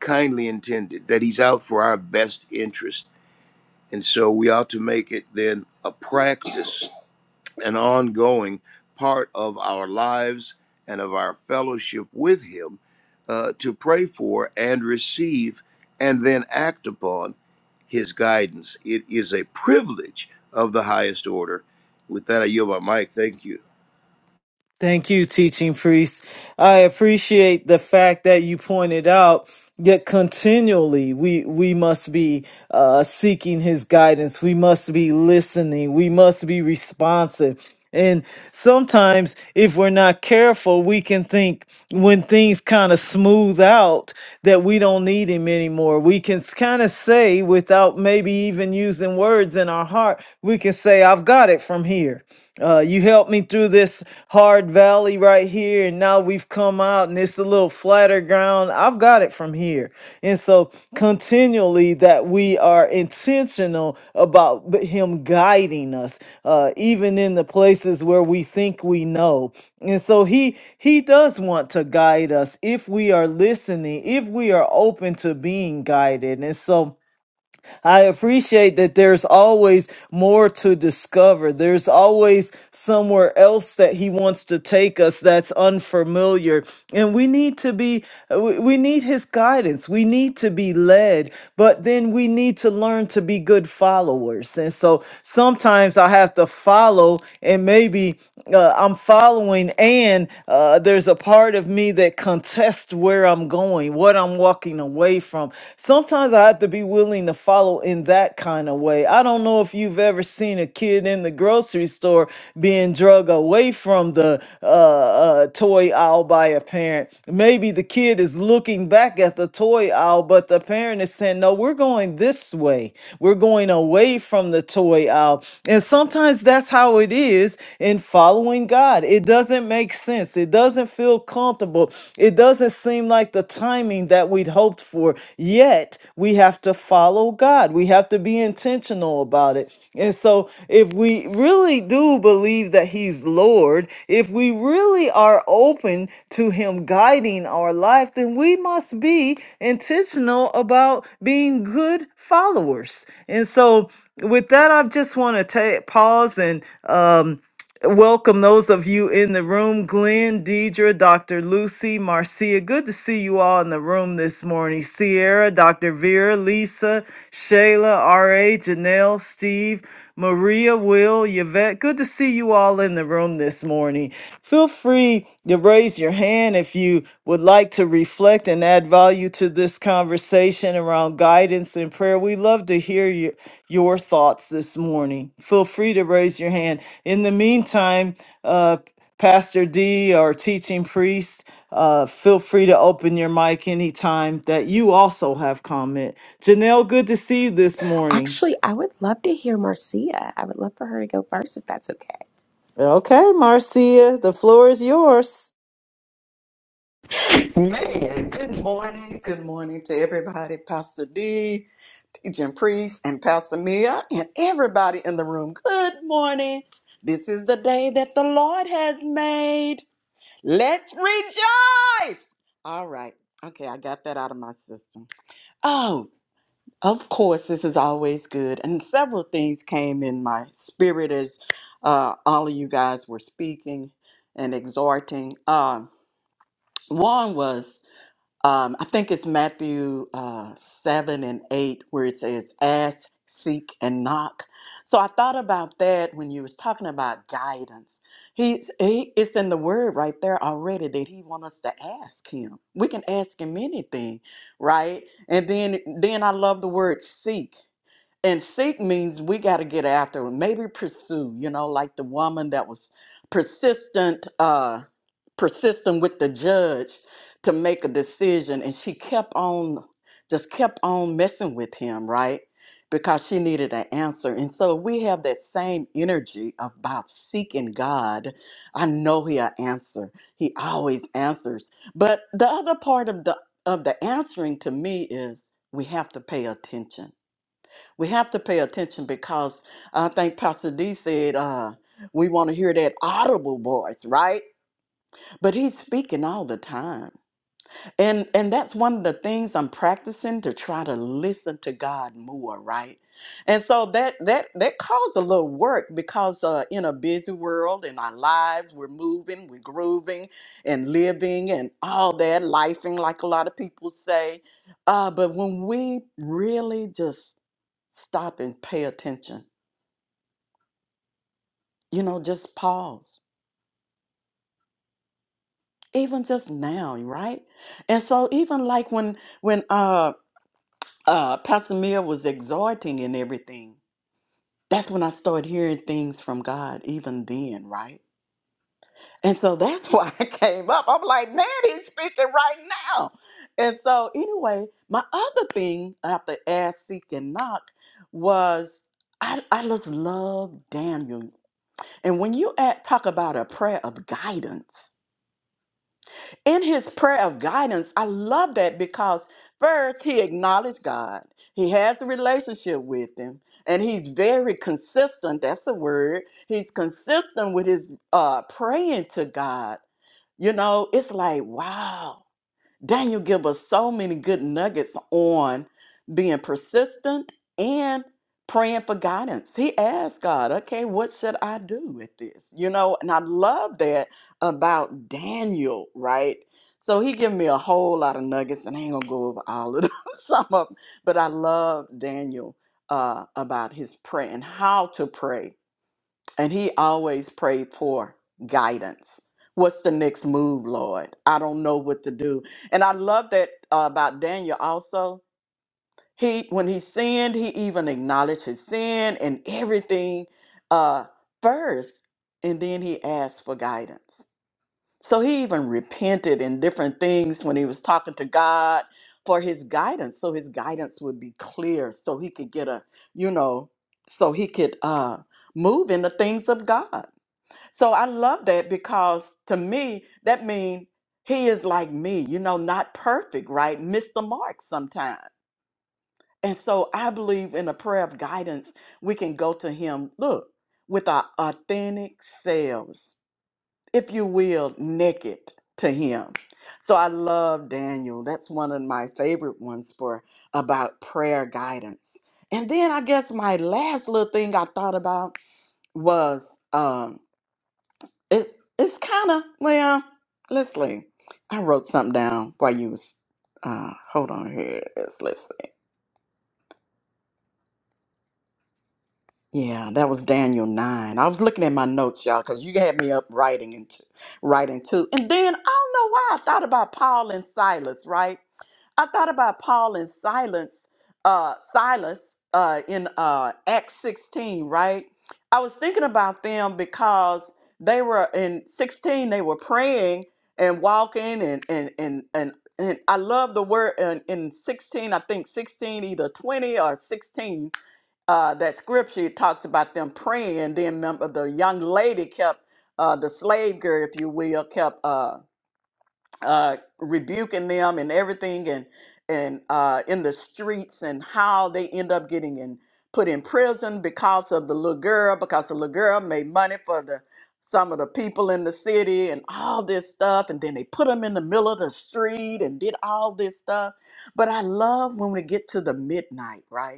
S3: kindly intended, that He's out for our best interest. And so we ought to make it then a practice, an ongoing part of our lives and of our fellowship with Him uh, to pray for and receive and then act upon His guidance. It is a privilege of the highest order. With that, I yield my mic. Thank you.
S1: Thank you, teaching priest. I appreciate the fact that you pointed out that continually we we must be uh, seeking His guidance. We must be listening. We must be responsive. And sometimes, if we're not careful, we can think when things kind of smooth out that we don't need him anymore. We can kind of say, without maybe even using words in our heart, we can say, I've got it from here. Uh, you helped me through this hard valley right here, and now we've come out, and it's a little flatter ground. I've got it from here. And so continually that we are intentional about b- him guiding us uh even in the places where we think we know. And so he he does want to guide us if we are listening, if we are open to being guided. And so I appreciate that there's always more to discover. There's always somewhere else that he wants to take us that's unfamiliar. And we need to be, we we need his guidance. We need to be led, but then we need to learn to be good followers. And so sometimes I have to follow, and maybe uh, I'm following, and uh, there's a part of me that contests where I'm going, what I'm I'm walking away from. Sometimes I have to be willing to follow in that kind of way. I don't know if you've ever seen a kid in the grocery store being drug away from the uh, uh, toy aisle by a parent. Maybe the kid is looking back at the toy aisle, but the parent is saying, No, we're going this way. We're going away from the toy aisle. And sometimes that's how it is in following God. It doesn't make sense. It doesn't doesn't feel comfortable. It doesn't seem like the timing that we'd hoped for. Yet, we have to follow God. We have to be intentional about it. And so, if we really do believe that He's Lord, if we really are open to Him guiding our life, then we must be intentional about being good followers. And so, with that, I just want to take pause and um, Welcome those of you in the room, Glenn, Deidre, Dr. Lucy, Marcia. Good to see you all in the room this morning. Sierra, Dr. Vera, Lisa, Shayla, RA, Janelle, Steve, Maria, Will, Yvette. Good to see you all in the room this morning. Feel free to raise your hand if you would like to reflect and add value to this conversation around guidance and prayer. We love to hear you your thoughts this morning. Feel free to raise your hand. In the meantime, uh, Pastor D or teaching priest, uh, feel free to open your mic anytime that you also have comment. Janelle, good to see you this morning.
S4: Actually, I would love to hear Marcia. I would love for her to go first if that's okay.
S1: Okay, Marcia, the floor is yours.
S5: Man, good morning. Good morning to everybody, Pastor D, Teaching Priest, and Pastor Mia, and everybody in the room. Good morning. This is the day that the Lord has made. Let's rejoice. All right. Okay, I got that out of my system. Oh, of course, this is always good. And several things came in my spirit as uh, all of you guys were speaking and exhorting. Um, one was um, I think it's Matthew uh, 7 and 8 where it says, ask, seek, and knock. So I thought about that when you was talking about guidance. He's, he, it's in the word right there already that he wants us to ask him. We can ask him anything, right? And then, then I love the word seek. And seek means we got to get after it, maybe pursue, you know, like the woman that was persistent. uh, Persisting with the judge to make a decision and she kept on just kept on messing with him right because she needed an answer and so we have that same energy about seeking god i know he'll answer he always answers but the other part of the of the answering to me is we have to pay attention we have to pay attention because i think pastor d said uh we want to hear that audible voice right but he's speaking all the time and and that's one of the things i'm practicing to try to listen to god more right and so that that that caused a little work because uh, in a busy world in our lives we're moving we're grooving and living and all that lifing like a lot of people say uh, but when we really just stop and pay attention you know just pause even just now right and so even like when when um uh, Pastor Mia was exhorting and everything, that's when I started hearing things from God, even then, right? And so that's [LAUGHS] why I came up. I'm like, man, he's speaking right now. And so, anyway, my other thing after ask, seek, and knock was I, I just love Daniel. And when you at, talk about a prayer of guidance, in his prayer of guidance, I love that because first he acknowledged God. He has a relationship with him and he's very consistent. That's a word. He's consistent with his uh, praying to God. You know, it's like, wow. Daniel give us so many good nuggets on being persistent and praying for guidance. He asked God, okay, what should I do with this? You know, and I love that about Daniel, right? So he gave me a whole lot of nuggets and I ain't gonna go over all of them, [LAUGHS] some of them, but I love Daniel uh, about his prayer and how to pray and he always prayed for guidance. What's the next move, Lord? I don't know what to do. And I love that uh, about Daniel also. He when he sinned, he even acknowledged his sin and everything uh, first, and then he asked for guidance. So he even repented in different things when he was talking to God for his guidance, so his guidance would be clear, so he could get a, you know, so he could uh, move in the things of God. So I love that because to me, that means he is like me, you know, not perfect, right? Miss the mark sometimes. And so I believe in a prayer of guidance, we can go to him, look, with our authentic selves, if you will, naked to him. So I love Daniel. That's one of my favorite ones for about prayer guidance. And then I guess my last little thing I thought about was um it it's kind of well. Let's see. I wrote something down while you was. Uh, hold on here. Let's let's see. Yeah, that was Daniel nine. I was looking at my notes, y'all, because you had me up writing and t- writing too. And then I don't know why I thought about Paul and Silas, right? I thought about Paul and Silas, uh, Silas uh, in uh, Acts 16, right? I was thinking about them because they were in 16, they were praying and walking and and and and, and I love the word in, in 16, I think 16, either 20 or 16, uh, that scripture talks about them praying. Then remember the young lady kept uh, the slave girl, if you will, kept uh, uh, rebuking them and everything and and uh, in the streets and how they end up getting in put in prison because of the little girl because the little girl made money for the some of the people in the city and all this stuff and then they put them in the middle of the street and did all this stuff but i love when we get to the midnight right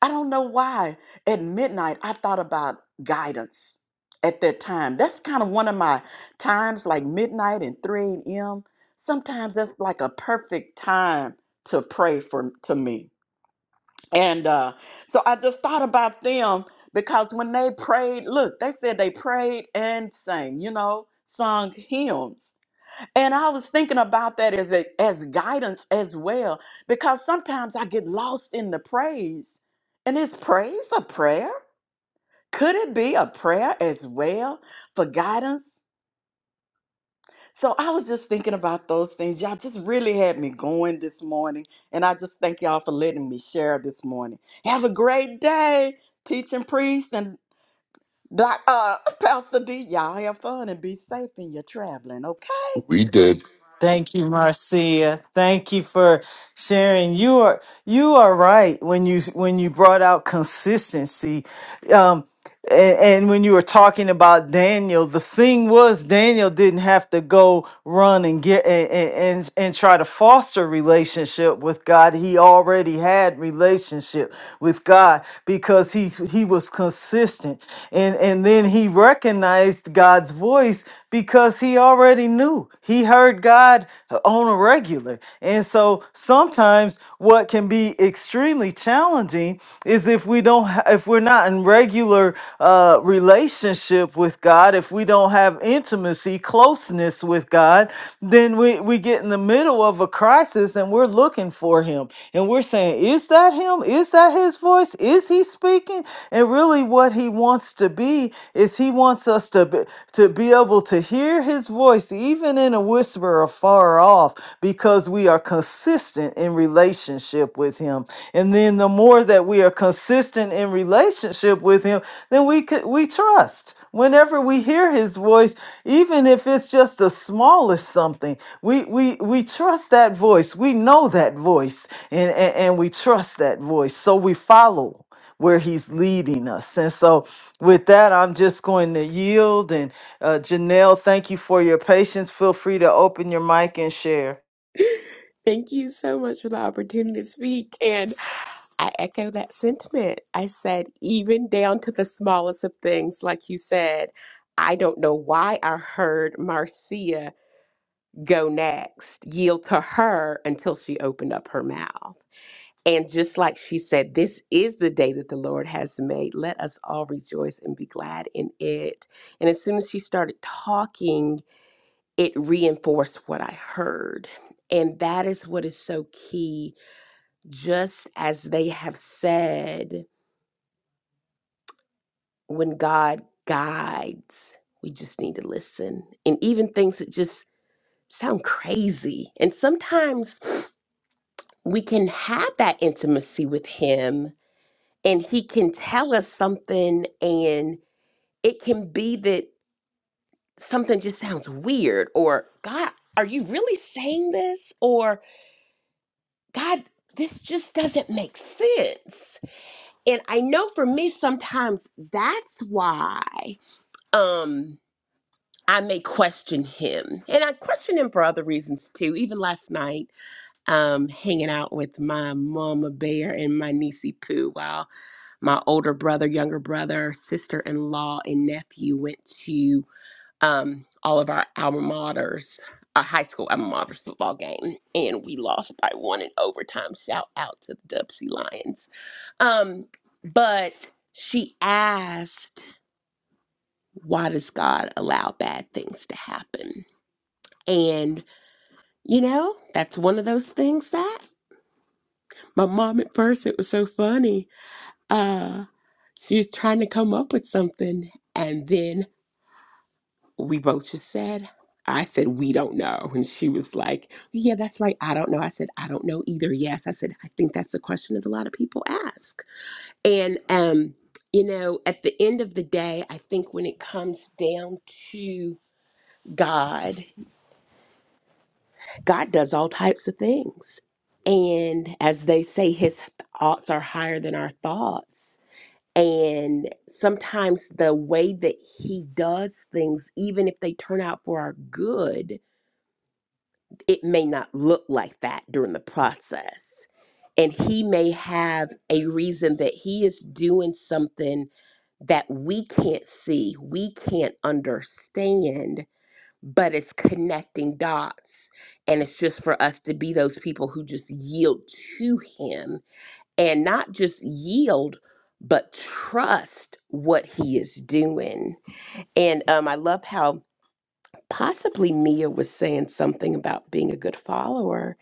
S5: I don't know why at midnight I thought about guidance at that time. That's kind of one of my times, like midnight and 3 a.m. Sometimes that's like a perfect time to pray for to me. And uh, so I just thought about them because when they prayed, look, they said they prayed and sang, you know, sung hymns. And I was thinking about that as a, as guidance as well, because sometimes I get lost in the praise. And is praise a prayer? Could it be a prayer as well for guidance? So I was just thinking about those things. Y'all just really had me going this morning. And I just thank y'all for letting me share this morning. Have a great day, teaching priest and doc, uh, Pastor D. Y'all have fun and be safe in your traveling, okay?
S2: We did.
S1: Thank you, Marcia. Thank you for sharing. You are you are right when you when you brought out consistency. Um, and, and when you were talking about Daniel, the thing was Daniel didn't have to go run and get and and, and try to foster relationship with God. He already had relationship with God because he he was consistent, and and then he recognized God's voice because he already knew he heard God on a regular. And so sometimes what can be extreme extremely challenging is if we don't ha- if we're not in regular uh relationship with God, if we don't have intimacy, closeness with God, then we we get in the middle of a crisis and we're looking for him and we're saying, is that him? Is that his voice? Is he speaking? And really what he wants to be is he wants us to be, to be able to hear his voice even in a whisper afar off off because we are consistent in relationship with Him. And then the more that we are consistent in relationship with Him, then we could we trust. Whenever we hear His voice, even if it's just the smallest something, we we we trust that voice. We know that voice, and and, and we trust that voice, so we follow where he's leading us. And so with that, I'm just going to yield and. Uh, Janelle, thank you for your patience. Feel free to open your mic and share.
S4: Thank you so much for the opportunity to speak. And I echo that sentiment. I said, even down to the smallest of things, like you said, I don't know why I heard Marcia go next, yield to her until she opened up her mouth. And just like she said, this is the day that the Lord has made. Let us all rejoice and be glad in it. And as soon as she started talking, it reinforced what I heard. And that is what is so key. Just as they have said, when God guides, we just need to listen. And even things that just sound crazy. And sometimes we can have that intimacy with Him, and He can tell us something, and it can be that something just sounds weird or, God, are you really saying this? Or God, this just doesn't make sense. And I know for me sometimes that's why um I may question him. And I question him for other reasons too. Even last night, um, hanging out with my mama bear and my niecey Pooh while my older brother, younger brother, sister in law, and nephew went to um, all of our alma maters, our high school alma maters football game, and we lost by one in overtime. Shout out to the Dubsy Lions. Um, but she asked, Why does God allow bad things to happen? And, you know, that's one of those things that my mom at first, it was so funny. Uh, she was trying to come up with something. And then we both just said, I said, we don't know. And she was like, yeah, that's right. I don't know. I said, I don't know either. Yes. I said, I think that's a question that a lot of people ask. And, um, you know, at the end of the day, I think when it comes down to God, God does all types of things. And as they say, his thoughts are higher than our thoughts. And sometimes the way that he does things, even if they turn out for our good, it may not look like that during the process. And he may have a reason that he is doing something that we can't see, we can't understand, but it's connecting dots. And it's just for us to be those people who just yield to him and not just yield, but trust what he is doing. And um, I love how possibly Mia was saying something about being a good follower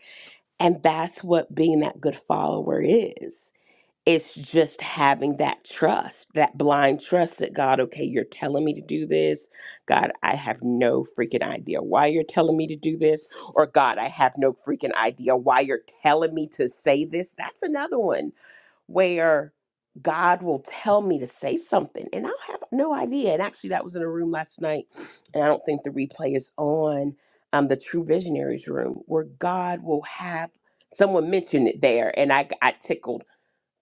S4: and that's what being that good follower is. It's just having that trust, that blind trust that God, okay, you're telling me to do this. God, I have no freaking idea why you're telling me to do this. Or God, I have no freaking idea why you're telling me to say this. That's another one where God will tell me to say something and I'll have no idea. And actually, that was in a room last night, and I don't think the replay is on um, the True Visionaries room where God will have someone mention it there, and I got tickled.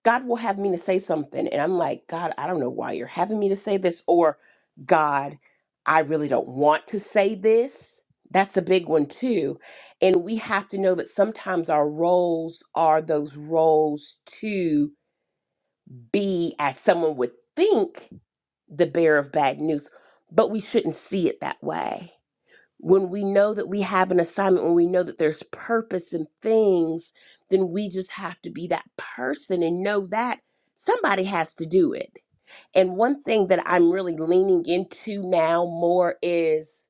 S4: God will have me to say something, and I'm like, God, I don't know why you're having me to say this, or God, I really don't want to say this. That's a big one, too. And we have to know that sometimes our roles are those roles, too be, as someone would think, the bearer of bad news, but we shouldn't see it that way. When we know that we have an assignment, when we know that there's purpose in things, then we just have to be that person and know that somebody has to do it. And one thing that I'm really leaning into now more is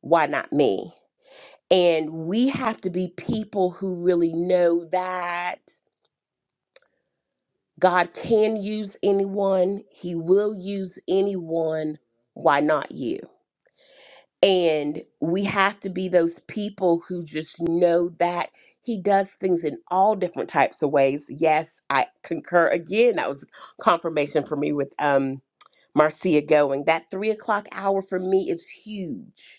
S4: why not me? And we have to be people who really know that God can use anyone, He will use anyone. Why not you? And we have to be those people who just know that He does things in all different types of ways. Yes, I concur again. That was confirmation for me with um, Marcia going. That three o'clock hour for me is huge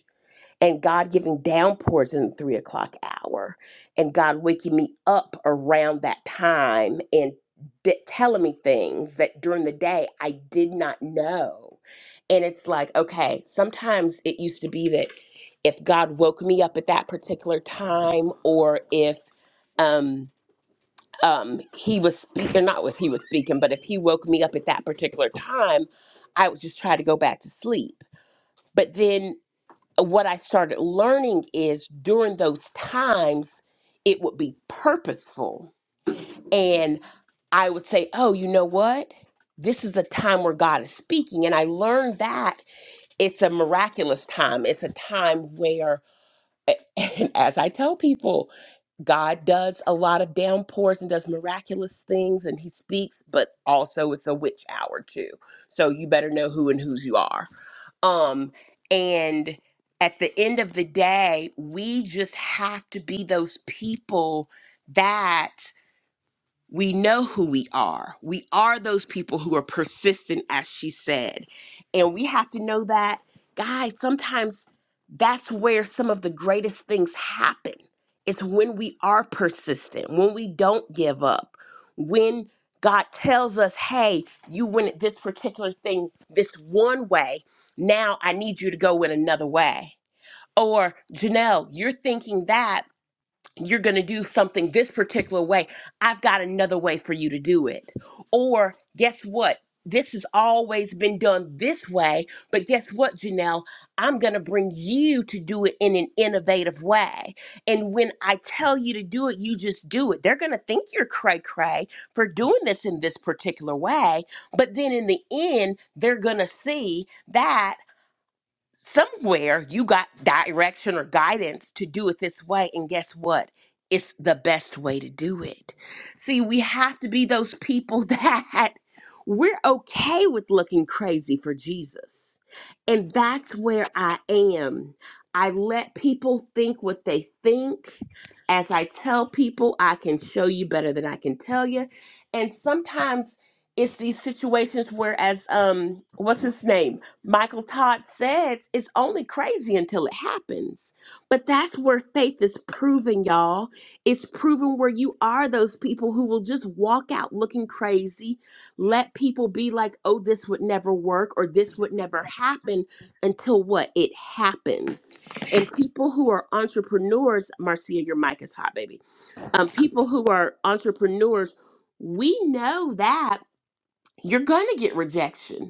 S4: and God giving downpours in the three o'clock hour, and God waking me up around that time and d- telling me things that during the day I did not know. And it's like, okay, sometimes it used to be that if God woke me up at that particular time, or if um, um, he was speaking, not if he was speaking, but if he woke me up at that particular time, I would just try to go back to sleep. But then what I started learning is during those times, it would be purposeful. And I would say, oh, you know what? This is the time where God is speaking. And I learned that it's a miraculous time. It's a time where, [LAUGHS] and as I tell people, God does a lot of downpours and does miraculous things and he speaks, but also it's a witch hour too. So you better know who and whose you are um, and at the end of the day, we just have to be those people that we know who we are. We are those people who are persistent, as she said. And we have to know that, guys, sometimes that's where some of the greatest things happen. It's when we are persistent, when we don't give up, when God tells us, hey, you went at this particular thing this one way. Now I need you to go in another way. Or, Janelle, you're thinking that you're going to do something this particular way. I've got another way for you to do it. Or guess what? This has always been done this way, but guess what, Janelle? I'm going to bring you to do it in an innovative way. And when I tell you to do it, you just do it. They're going to think you're cray cray for doing this in this particular way. But then in the end, they're going to see that somewhere you got direction or guidance to do it this way and guess what it's the best way to do it see we have to be those people [LAUGHS] that we're okay with looking crazy for jesus and that's where i am i let people think what they think as i tell people i can show you better than i can tell you and sometimes it's these situations where as um what's his name Michael Todd says it's only crazy until it happens. But that's where faith is proven, y'all. It's proven where you are those people who will just walk out looking crazy, let people be like, oh, this would never work or this would never happen until what? It happens. And people who are entrepreneurs, Marcia, your mic is hot, baby. Um, people who are entrepreneurs, we know that you're going to get rejection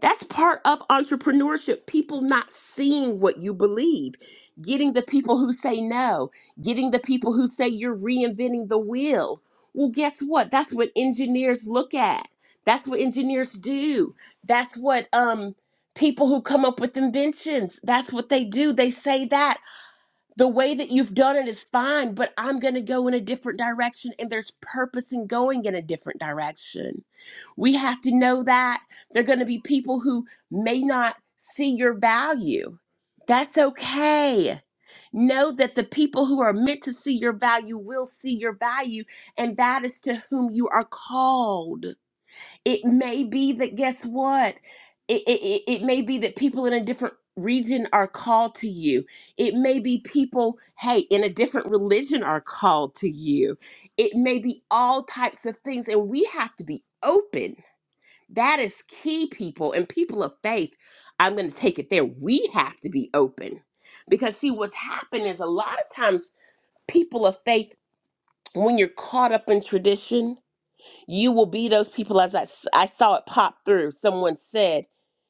S4: that's part of entrepreneurship. People not seeing what you believe, getting the people who say no, getting the people who say you're reinventing the wheel. Well, guess what? That's what engineers look at. That's what engineers do. That's what um, people who come up with inventions. That's what they do. They say that the way that you've done it is fine, but I'm going to go in a different direction, and there's purpose in going in a different direction we have to know that there are going to be people who may not see your value. That's okay. Know that the people who are meant to see your value will see your value, and that is to whom you are called. It may be that, guess what? It, it, it it may be that people in a different region are called to you. It may be people, hey, in a different religion are called to you. It may be all types of things, and we have to be open that is key, people. And people of faith, I'm going to take it there. We have to be open. Because, see, what's happened is a lot of times people of faith, when you're caught up in tradition, you will be those people as I, s- I saw it pop through. Someone said,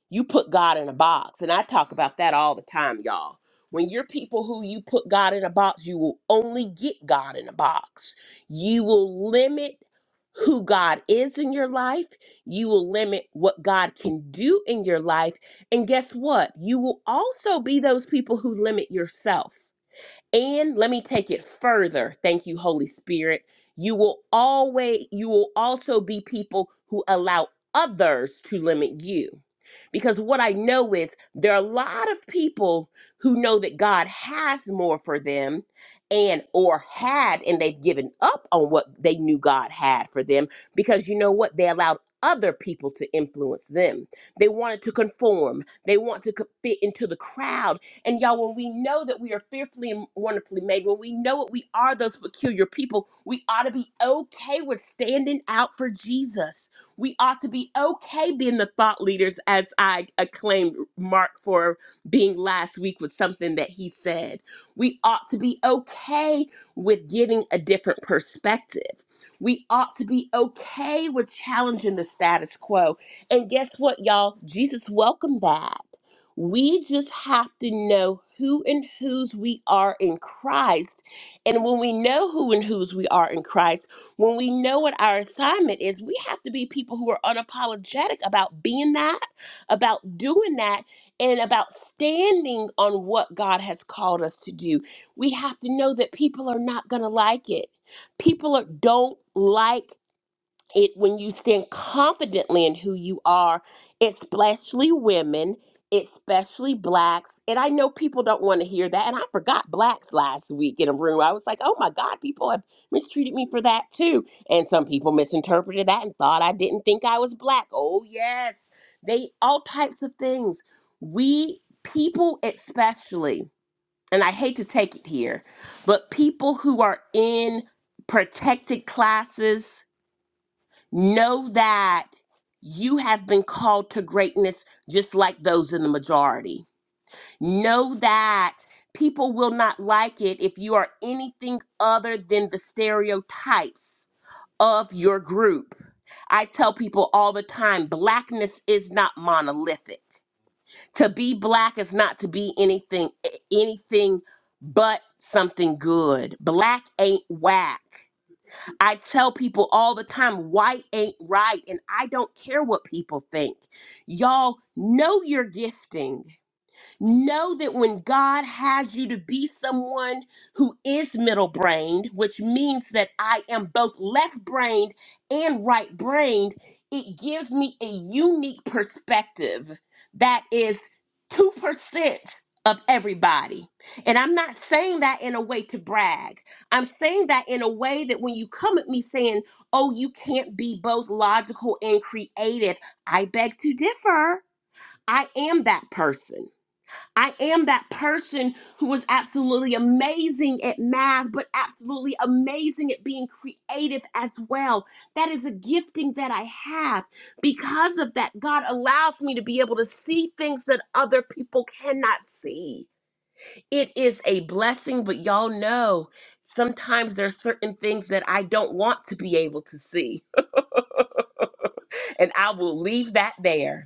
S4: You put God in a box. And I talk about that all the time, y'all. When you're people who you put God in a box, you will only get God in a box. You will limit who God is in your life. You will limit what God can do in your life. And guess what? You will also be those people who limit yourself. And let me take it further. Thank you, Holy Spirit. You will always, you will also be people who allow others to limit you. Because what I know is there are a lot of people who know that God has more for them and or had and they've given up on what they knew God had for them because you know what they allowed other people to influence them. They wanted to conform. They want to co- fit into the crowd and y'all, when we know that we are fearfully and wonderfully made, when we know that we are those peculiar people, we ought to be okay with standing out for Jesus. We ought to be okay being the thought leaders, as I acclaimed Mark for being last week with something that he said. We ought to be okay with getting a different perspective. We ought to be okay with challenging the status quo. And guess what, y'all? Jesus welcomed that. We just have to know who and whose we are in Christ. And when we know who and whose we are in Christ, when we know what our assignment is, we have to be people who are unapologetic about being that, about doing that, and about standing on what God has called us to do. We have to know that people are not going to like it. People are, don't like it when you stand confidently in who you are, especially women, especially blacks. And I know people don't want to hear that. And I forgot blacks last week in a room. I was like, oh my God, people have mistreated me for that too. And some people misinterpreted that and thought I didn't think I was black. Oh, yes. They all types of things. We people, especially, and I hate to take it here, but people who are in protected classes Know that you have been called to greatness just like those in the majority. Know that people will not like it if you are anything other than the stereotypes of your group. I tell people all the time blackness is not monolithic. To be black is not to be anything anything but something good. Black ain't whack. I tell people all the time, white ain't right, and I don't care what people think. Y'all know your gifting. Know that when God has you to be someone who is middle brained, which means that I am both left brained and right brained, it gives me a unique perspective that is 2% of everybody. And I'm not saying that in a way to brag. I'm saying that in a way that when you come at me saying, oh, you can't be both logical and creative, I beg to differ. I am that person. I am that person who was absolutely amazing at math, but absolutely amazing at being creative as well. That is a gifting that I have. Because of that, God allows me to be able to see things that other people cannot see. It is a blessing, but y'all know sometimes there's certain things that I don't want to be able to see, [LAUGHS] and I will leave that there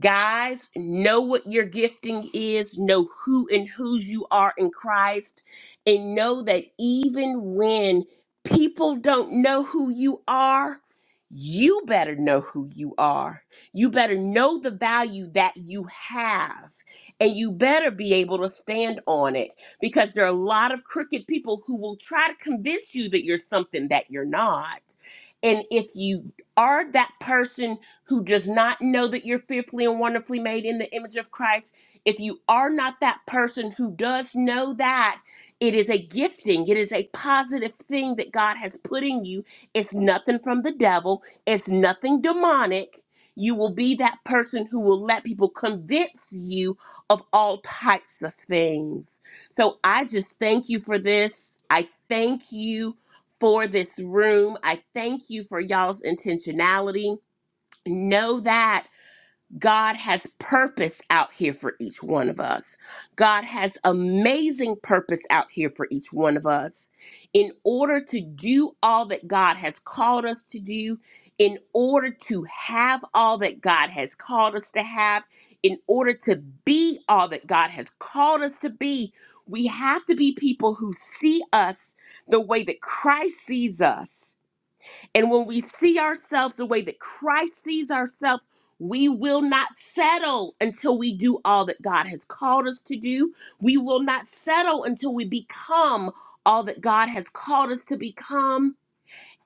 S4: Guys, know what your gifting is, know who and whose you are in Christ, and know that even when people don't know who you are, you better know who you are. You better know the value that you have, and you better be able to stand on it because there are a lot of crooked people who will try to convince you that you're something that you're not. And if you are that person who does not know that you're fearfully and wonderfully made in the image of Christ, if you are not that person who does know that, it is a gifting, it is a positive thing that God has put in you. It's nothing from the devil, it's nothing demonic. You will be that person who will let people convince you of all types of things. So I just thank you for this. I thank you for this room. I thank you for y'all's intentionality know that God has purpose out here for each one of us. God has amazing purpose out here for each one of us. In order to do all that God has called us to do, in order to have all that God has called us to have, in order to be all that God has called us to be, we have to be people who see us the way that Christ sees us and when we see ourselves the way that Christ sees ourselves, we will not settle until we do all that God has called us to do. We will not settle until we become all that God has called us to become.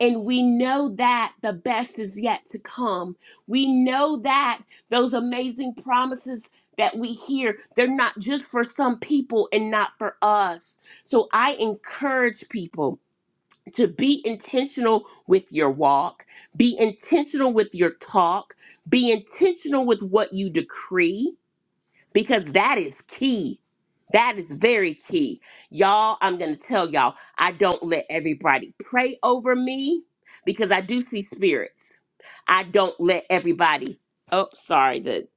S4: And we know that the best is yet to come. We know that those amazing promises that we hear, they're not just for some people and not for us. So I encourage people to be intentional with your walk, be intentional with your talk, be intentional with what you decree, because that is key. That is very key. Y'all, I'm going to tell y'all, I don't let everybody pray over me because I do see spirits. I don't let everybody. Oh, sorry. The,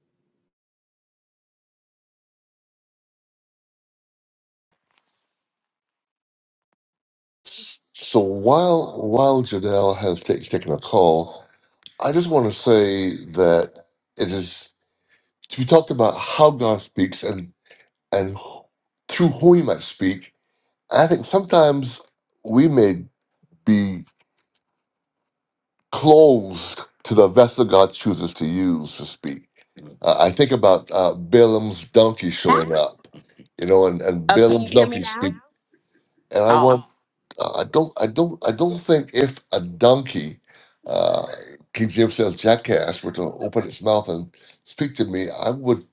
S2: So while while Janelle has ta- taken a call, I just want to say that it is we talked about how God speaks and and wh- through whom He might speak. I think sometimes we may be. closed to the vessel God chooses to use to speak. Uh, I think about uh, Balaam's donkey showing
S4: oh,
S2: up, you know, and, and
S4: can you
S2: Balaam's
S4: hear me
S2: donkey speak.
S4: now?
S2: And I
S4: Oh,
S2: want, uh, I don't, I don't, I don't think if a donkey, uh, King James says jackass, were to open its mouth and speak to me, I would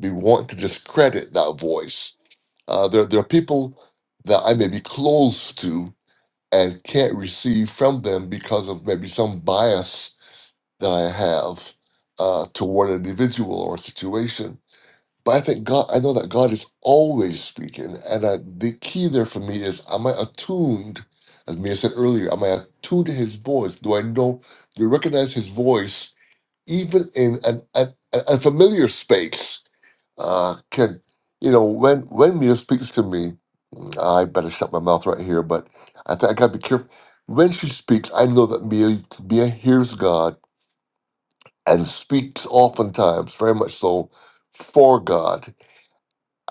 S2: be wanting to discredit that voice. Uh, there, there are people that I may be close to and can't receive from them because of maybe some bias that I have uh, toward an individual or a situation. But I think God, I know that God is always speaking. And I, the key there for me is am I attuned, as Mia said earlier, am I attuned to his voice? Do I know, do I recognize his voice even in an, an, an unfamiliar space? uh, can you know when when Mia speaks to me, I better shut my mouth right here. But I think I gotta be careful. When she speaks, I know that Mia Mia hears God and speaks oftentimes very much so for God.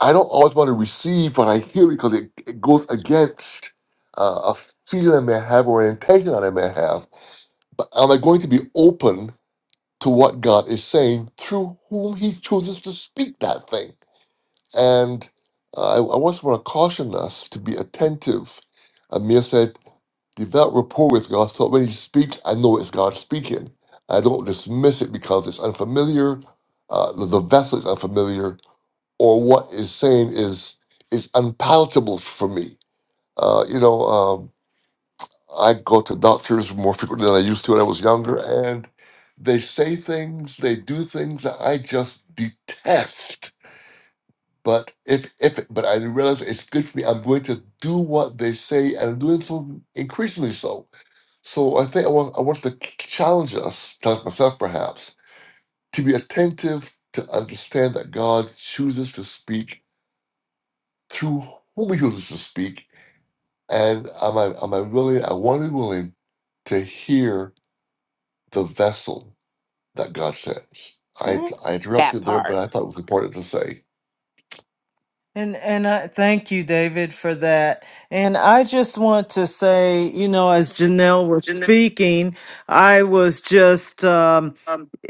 S2: I don't always want to receive what I hear because it, it goes against uh, a feeling I may have or an intention that I may have. But am I going to be open to what God is saying through whom He chooses to speak that thing? And uh, I, I also want to caution us to be attentive. Amir said, develop rapport with God so when He speaks, I know it's God speaking. I don't dismiss it because it's unfamiliar, uh, the, the vessel is unfamiliar, or what is saying is is unpalatable for me. Uh, you know, um, I go to doctors more frequently than I used to when I was younger, and they say things, they do things that I just detest but if if but I realize it's good for me. I'm going to do what they say, and I'm doing so increasingly so. So I think I want I want to ch- challenge us, challenge myself perhaps, to be attentive to understand that God chooses to speak through whom He chooses to speak, and am I am I willing? I want to be willing to hear the vessel that God sends. I
S4: crap.
S2: I
S4: that
S2: interrupted there, but
S4: part.
S2: I thought it was important to say.
S1: And and I thank you, David, for that. And I just want to say, you know, as Janelle was speaking, I was just um,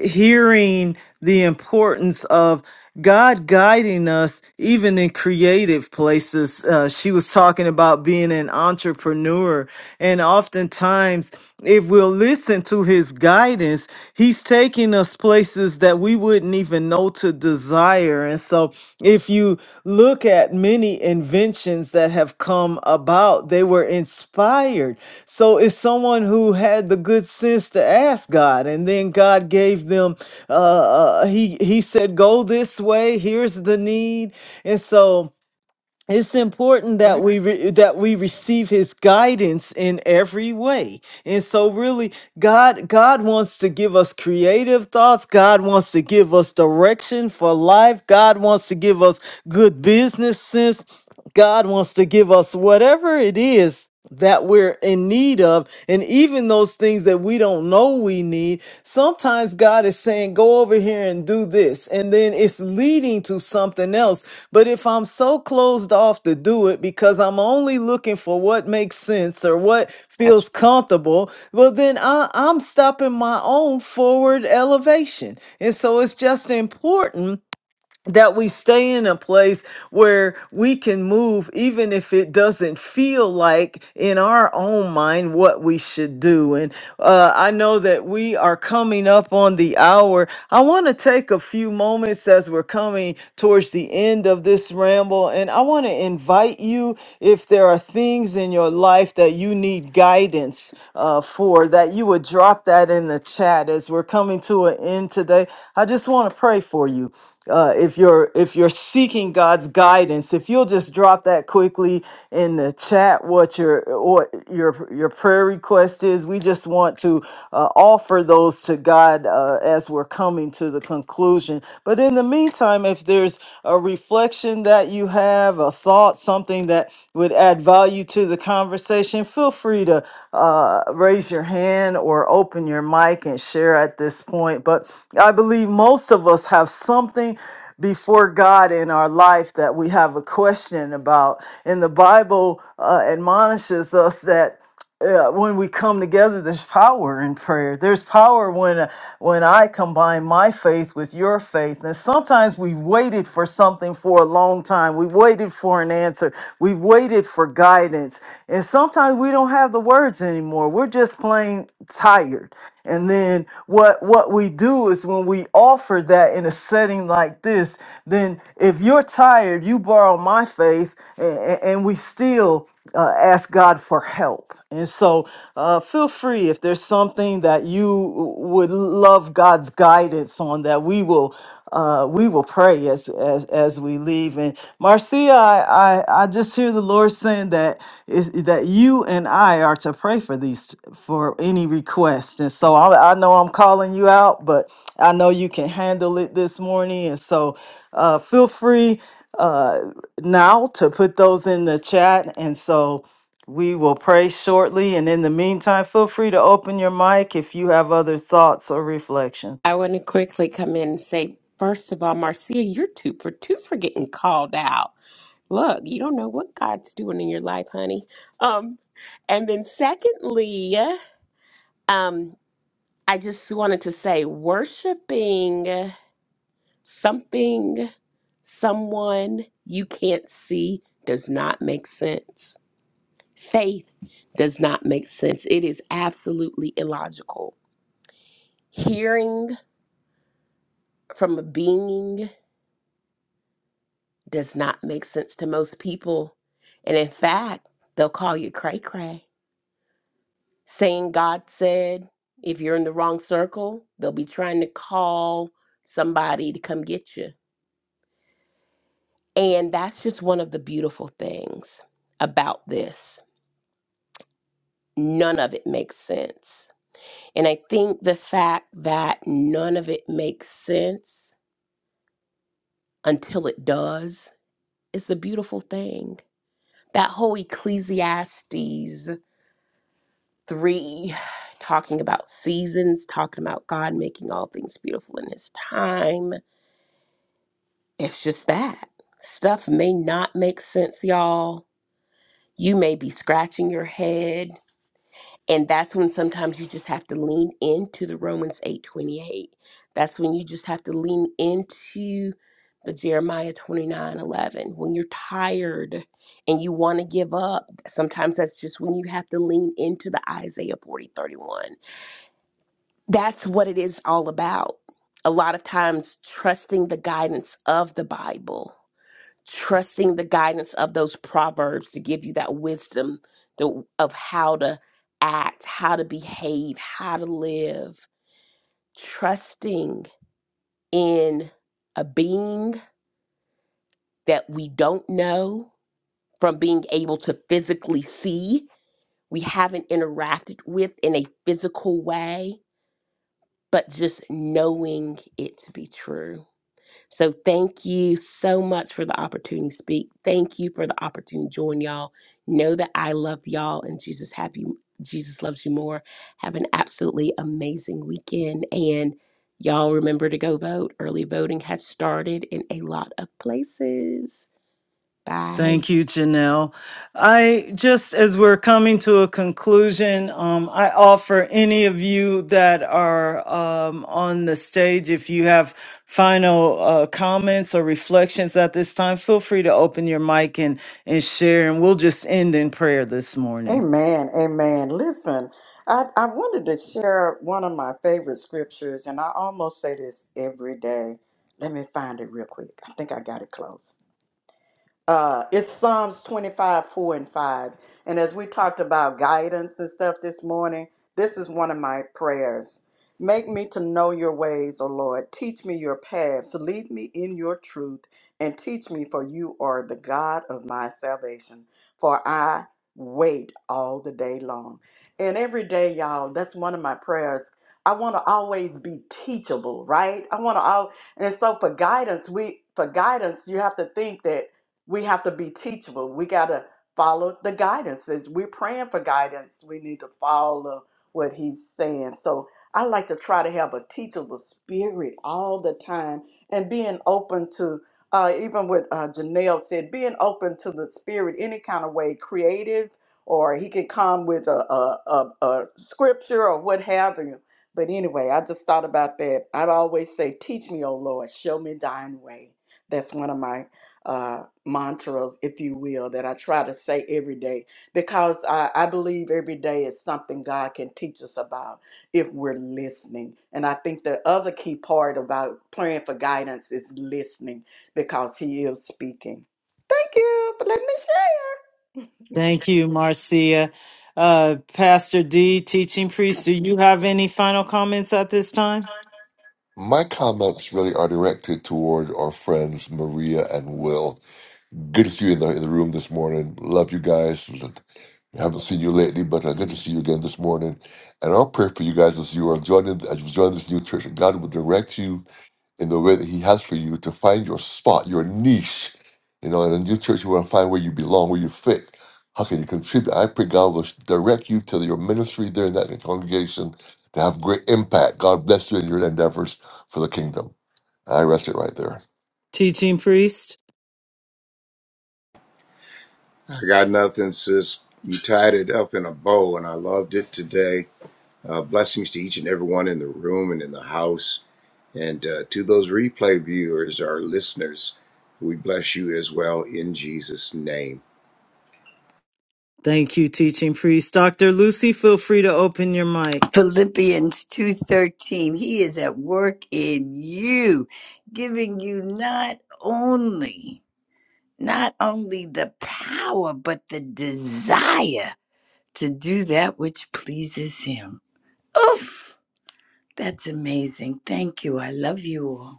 S1: hearing the importance of God guiding us even in creative places. Uh, she was talking about being an entrepreneur, and oftentimes If we'll listen to his guidance, he's taking us places that we wouldn't even know to desire. And so, if you look at many inventions that have come about, they were inspired. So, it's someone who had the good sense to ask God, and then God gave them, uh, uh, he, he said, Go this way, here's the need. And so, it's important that we
S4: Right.
S1: re- that we receive his guidance in every way and so really god god wants to give us creative thoughts god wants to give us direction for life god wants to give us good business sense God wants to give us whatever it is that we're in need of. And even those things that we don't know we need, sometimes God is saying, go over here and do this. And then it's leading to something else. But if I'm so closed off to do it because I'm only looking for what makes sense or what feels comfortable, well, then I, I'm stopping my own forward elevation. And so it's just important that we stay in a place where we can move even if it doesn't feel like in our own mind what we should do and uh, i know that we are coming up on the hour i want to take a few moments as we're coming towards the end of this ramble and i want to invite you if there are things in your life that you need guidance uh, for that you would drop that in the chat as we're coming to an end today i just want to pray for you uh, if you're if you're seeking God's guidance, if you'll just drop that quickly in the chat, what your what your your prayer request is, we just want to uh, offer those to God uh, as we're coming to the conclusion. But in the meantime, if there's a reflection that you have, a thought thought, something that would add value to the conversation, feel free to uh, raise your hand or open your mic and share at this point. But I believe most of us have something before God in our life that we have a question about. And the Bible uh, admonishes us that uh, when we come together there's power in prayer there's power when uh, when i combine my faith with your faith and sometimes we waited for something for a long time we waited for an answer we waited for guidance and sometimes we don't have the words anymore we're just plain tired and then what what we do is when we offer that in a setting like this then if you're tired you borrow my faith and, and we still uh, ask God for help. And so uh, feel free if there's something that you would love God's guidance on that we will uh, we will pray as, as as we leave. And Marcia, I, I, I just hear the Lord saying that is that you and I are to pray for these for any request. And so I, I know I'm calling you out, but I know you can handle it this morning. And so uh, feel free uh, now to put those in the chat. And so we will pray shortly. And in the meantime, feel free to open your mic if you have other thoughts or reflections.
S4: I want to quickly come in and say, first of all, Marcia, you're two for two for getting called out. Look, you don't know what God's doing in your life, honey. Um, and then secondly, um, I just wanted to say, worshiping something, someone you can't see does not make sense. Faith does not make sense. It is absolutely illogical. Hearing from a being does not make sense to most people. And in fact, they'll call you cray cray, saying God said, if you're in the wrong circle, they'll be trying to call somebody to come get you. And that's just one of the beautiful things about this. None of it makes sense. And I think the fact that none of it makes sense until it does is a beautiful thing. That whole Ecclesiastes three, talking about seasons, talking about God making all things beautiful in His time. It's just that stuff may not make sense, y'all. You may be scratching your head, and that's when sometimes you just have to lean into the Romans eight twenty eight. That's when you just have to lean into the Jeremiah twenty nine eleven. When you're tired and you want to give up, sometimes that's just when you have to lean into the Isaiah forty thirty one that's what it is all about. A lot of times, trusting the guidance of the Bible, trusting the guidance of those proverbs to give you that wisdom to, of how to act, how to behave, how to live, trusting in a being that we don't know from being able to physically see, we haven't interacted with in a physical way, but just knowing it to be true So thank you so much for the opportunity to speak. Thank you for the opportunity to join y'all. Know that I love y'all and Jesus have you Jesus loves you more. Have an absolutely amazing weekend and y'all remember to go vote. Early voting has started in a lot of places. Bye.
S1: Thank you, Janelle. I just as we're coming to a conclusion, um, I offer any of you that are um, on the stage, if you have final uh, comments or reflections at this time, feel free to open your mic and, and share, and we'll just end in prayer this morning.
S5: Amen. Amen. Listen, I, I wanted to share one of my favorite scriptures, and I almost say this every day. Let me find it real quick. I think I got it close. Uh, it's Psalms 25, 4 and 5. And as we talked about guidance and stuff this morning, this is one of my prayers. Make me to know your ways, O Lord. Teach me your paths. Lead me in your truth and teach me, for you are the God of my salvation. For I wait all the day long. And every day, y'all, that's one of my prayers. I want to always be teachable, right? I want to all and so for guidance, we for guidance, you have to think that we have to be teachable. We got to follow the guidances. We're praying for guidance. We need to follow what he's saying. So I like to try to have a teachable spirit all the time and being open to, uh, even what uh, Janelle said, being open to the spirit any kind of way, creative, or he can come with a, a, a, a scripture or what have you. But anyway, I just thought about that. I always say, Teach me, O Lord, show me thine way. That's one of my uh, mantras, if you will, that I try to say every day because I, I believe every day is something God can teach us about if we're listening. And I think the other key part about praying for guidance is listening because He is speaking. Thank you for letting me
S1: Thank you, Marcia. Uh, Pastor D, teaching priest, do you have any final comments at this time?
S2: My comments really are directed toward our friends Maria and Will. Good to see you in the in the room this morning. Love you guys. Haven't seen you lately, but uh, good to see you again this morning. And I'll pray for you guys as you are joining as you join this new church. that God will direct you in the way that He has for you to find your spot, your niche. You know, in a new church, you want to find where you belong, where you fit. How can you contribute? I pray God will direct you to your ministry there in that congregation to have great impact. God bless you in your endeavors for the kingdom. I rest it right there.
S1: Teaching priest?
S3: I got nothing, sis. You tied it up in a bow, and I loved it today. Uh, blessings to each and everyone in the room and in the house. And uh, to those replay viewers, our listeners, we bless you as well in Jesus' name.
S1: Thank you, teaching priest. Dr. Lucy, feel free to open your mic.
S6: Philippians 2:13 he is at work in you giving you not only not only the power but the desire to do that which pleases him. Oof, that's amazing. Thank you. I love you all.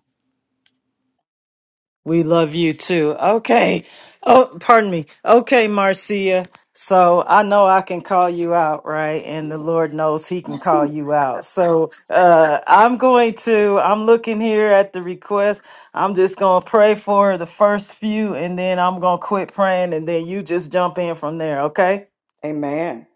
S1: We love you too. Okay. Oh, pardon me. Okay, Marcia. So I know I can call you out, right? And the Lord knows He can call
S5: share.
S1: you out. So uh, I'm going to, I'm looking here at the request. I'm just going to pray for the first few and then I'm going to quit praying and then you just jump in from there, okay?
S5: [LAUGHS] Amen.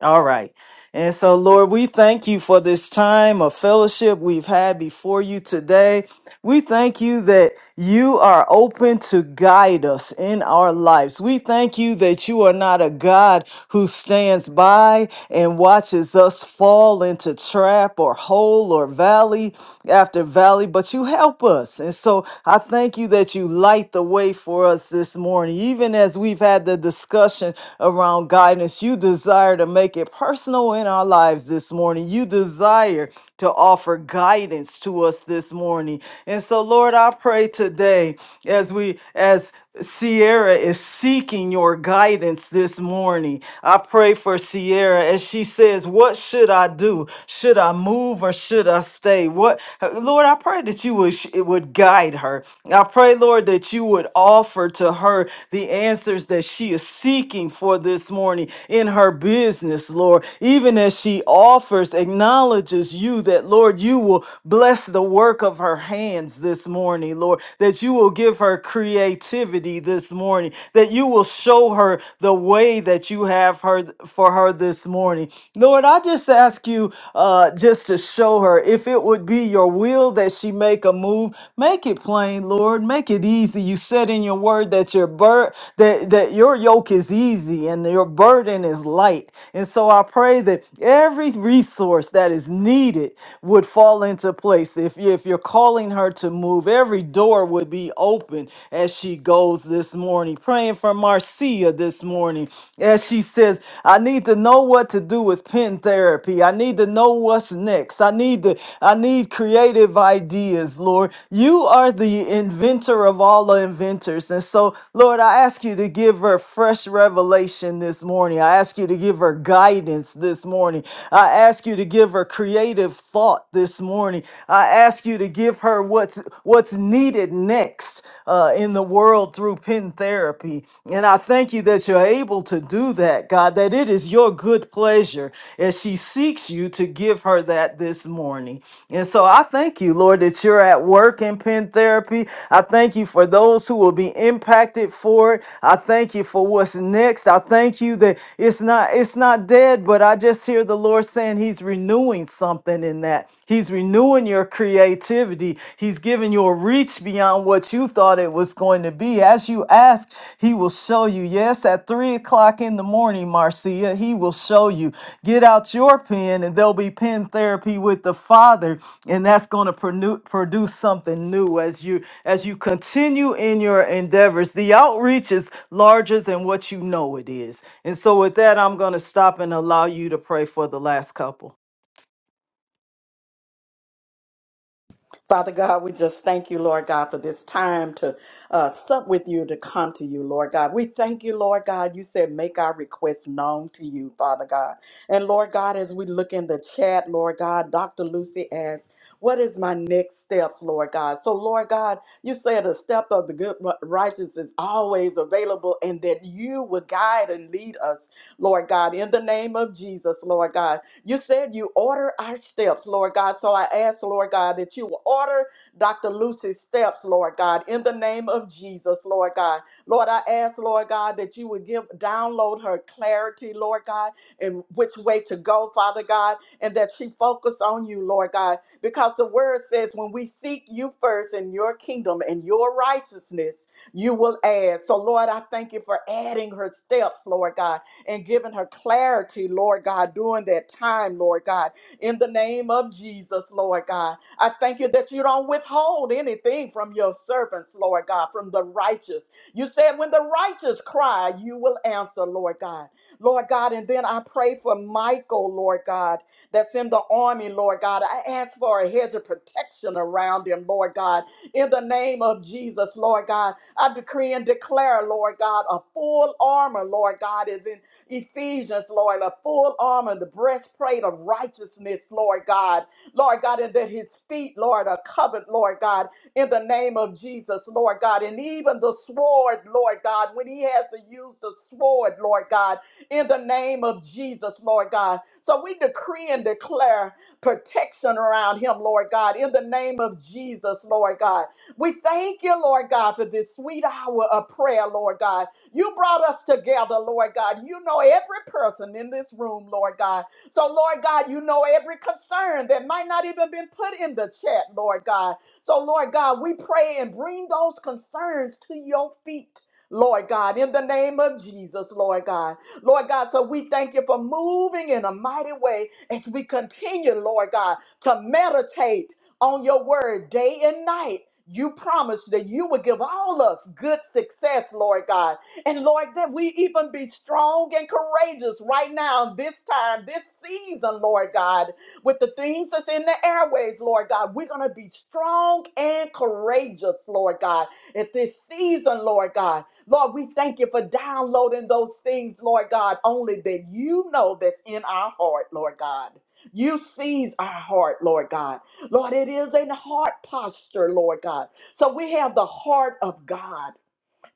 S1: All right. And so, Lord, we thank you for this time of fellowship we've had before you today. We thank you that you are open to guide us in our lives. We thank you that you are not a God who stands by and watches us fall into trap or hole or valley after valley, but you help us. And so I thank you that you light the way for us this morning, even as we've had the discussion around guidance. You desire to make it personal in our lives this morning. You desire to offer guidance to us this morning. And so, Lord, I pray today as we, as Sierra is seeking your guidance this morning. I pray for Sierra as she says, What should I do? Should I move or should I stay? What Lord, I pray that you would it would guide her. I pray, Lord, that you would offer to her the answer answers that she is seeking for this morning in her business, Lord. Even as she offers, acknowledges you that, Lord, you will bless the work of her hands this morning, Lord, that you will give her creativity this morning, that you will show her the way that you have her for her this morning. Lord, I just ask you uh, just to show her if it would be your will that she make a move, make it plain, Lord. Make it easy. You said in in your word that your bur- that, that your yoke is easy and your burden is light. And so I pray that every resource that is needed would fall into place. If, if you're calling her to move, every door would be open as she goes this morning. Praying for Marcia this morning as she says, I need to know what to do with pen therapy. I need to know what's next. I need to I need creative ideas, Lord. You are the inventor of all the inventors. And so, Lord, I ask you to give her fresh revelation this morning. I ask you to give her guidance this morning. I ask you to give her creative thought this morning. I ask you to give her what's what's needed next uh, in the world through pen therapy. And I thank you that you're able to do that, God, that it is your good pleasure as she seeks you to give her that this morning. And so I thank you, Lord, that you're are at work in pen therapy. I thank you for those who will be impacted for it. I thank you for what's next. I thank you that it's not it's not dead, but I just hear the Lord saying he's renewing something in that. He's renewing your creativity. He's giving you a reach beyond what you thought it was going to be. As you ask, he will show you. Yes, at three o'clock in the morning, Marcia, he will show you. Get out your pen and there'll be pen therapy with the Father and that's going to produ- produce something new as you as you continue in your endeavors the outreach is larger than what you know it is and so with that i'm going to stop and allow you to pray for the last couple
S5: Father God, we just thank you, Lord God, for this time to uh, sup with you, to come to you, Lord God. We thank you, Lord God. You said, make our requests known to you, Father God. And Lord God, as we look in the chat, Lord God, Dr. Lucy asks, what is my next steps, Lord God? So, Lord God, you said a step of the good righteous is always available and that you will guide and lead us, Lord God, in the name of Jesus, Lord God. You said you order our steps, Lord God. So I ask, Lord God, that you will order Dr. Lucy's steps, Lord God, in the name of Jesus, Lord God. Lord, I ask, Lord God, that you would give download her clarity, Lord God, and which way to go, Father God, and that she focus on you, Lord God, because the word says when we seek you first in your kingdom and your righteousness, you will add. So, Lord, I thank you for adding her steps, Lord God and giving her clarity, Lord God, during that time, Lord God, in the name of Jesus, Lord God. I thank you that you don't withhold anything from your servants, Lord God, from the righteous. You said, when the righteous cry, you will answer, Lord God. Lord God, and then I pray for Michael, Lord God, that's in the army, Lord God. I ask for a hedge of protection around him, Lord God, in the name of Jesus, Lord God. I decree and declare, Lord God, a full armor, Lord God, is in. Ephesians, Lord, a full armor, the breastplate of righteousness, Lord God. Lord God, and that his feet, Lord, are covered, Lord God, in the name of Jesus, Lord God. And even the sword, Lord God, when he has to use the sword, Lord God, in the name of Jesus, Lord God. So we decree and declare protection around him, Lord God, in the name of Jesus, Lord God. We thank you, Lord God, for this sweet hour of prayer, Lord God. You brought us together, Lord God. You know every person in this room, Lord God. So, Lord God, you know every concern that might not even been put in the chat, Lord God. So, Lord God, we pray and bring those concerns to your feet. Lord God, in the name of Jesus, Lord God. Lord God, so we thank you for moving in a mighty way as we continue, Lord God, to meditate on your word day and night. You promised that you would give all us good success, Lord God. And Lord, that we even be strong and courageous right now, this time, this season, Lord God, with the things that's in the airways, Lord God. We're going to be strong and courageous, Lord God, at this season, Lord God. Lord, we thank you for downloading those things, Lord God, only that you know that's in our heart, Lord God. You sees our heart, Lord God. Lord, it is a heart posture, Lord God. So we have the heart of God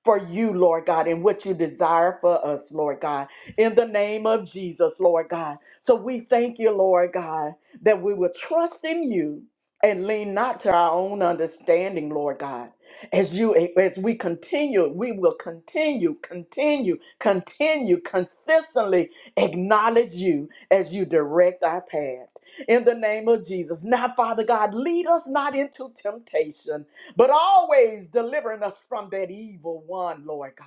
S5: for you, Lord God, and what you desire for us, Lord God, in the name of Jesus, Lord God. So we thank you, Lord God, that we will trust in you and lean not to our own understanding, Lord God. As you as we continue, we will continue, continue, continue consistently acknowledge you as you direct our path. In the name of Jesus. Now, Father God, lead us not into temptation, but always delivering us from that evil one, Lord God.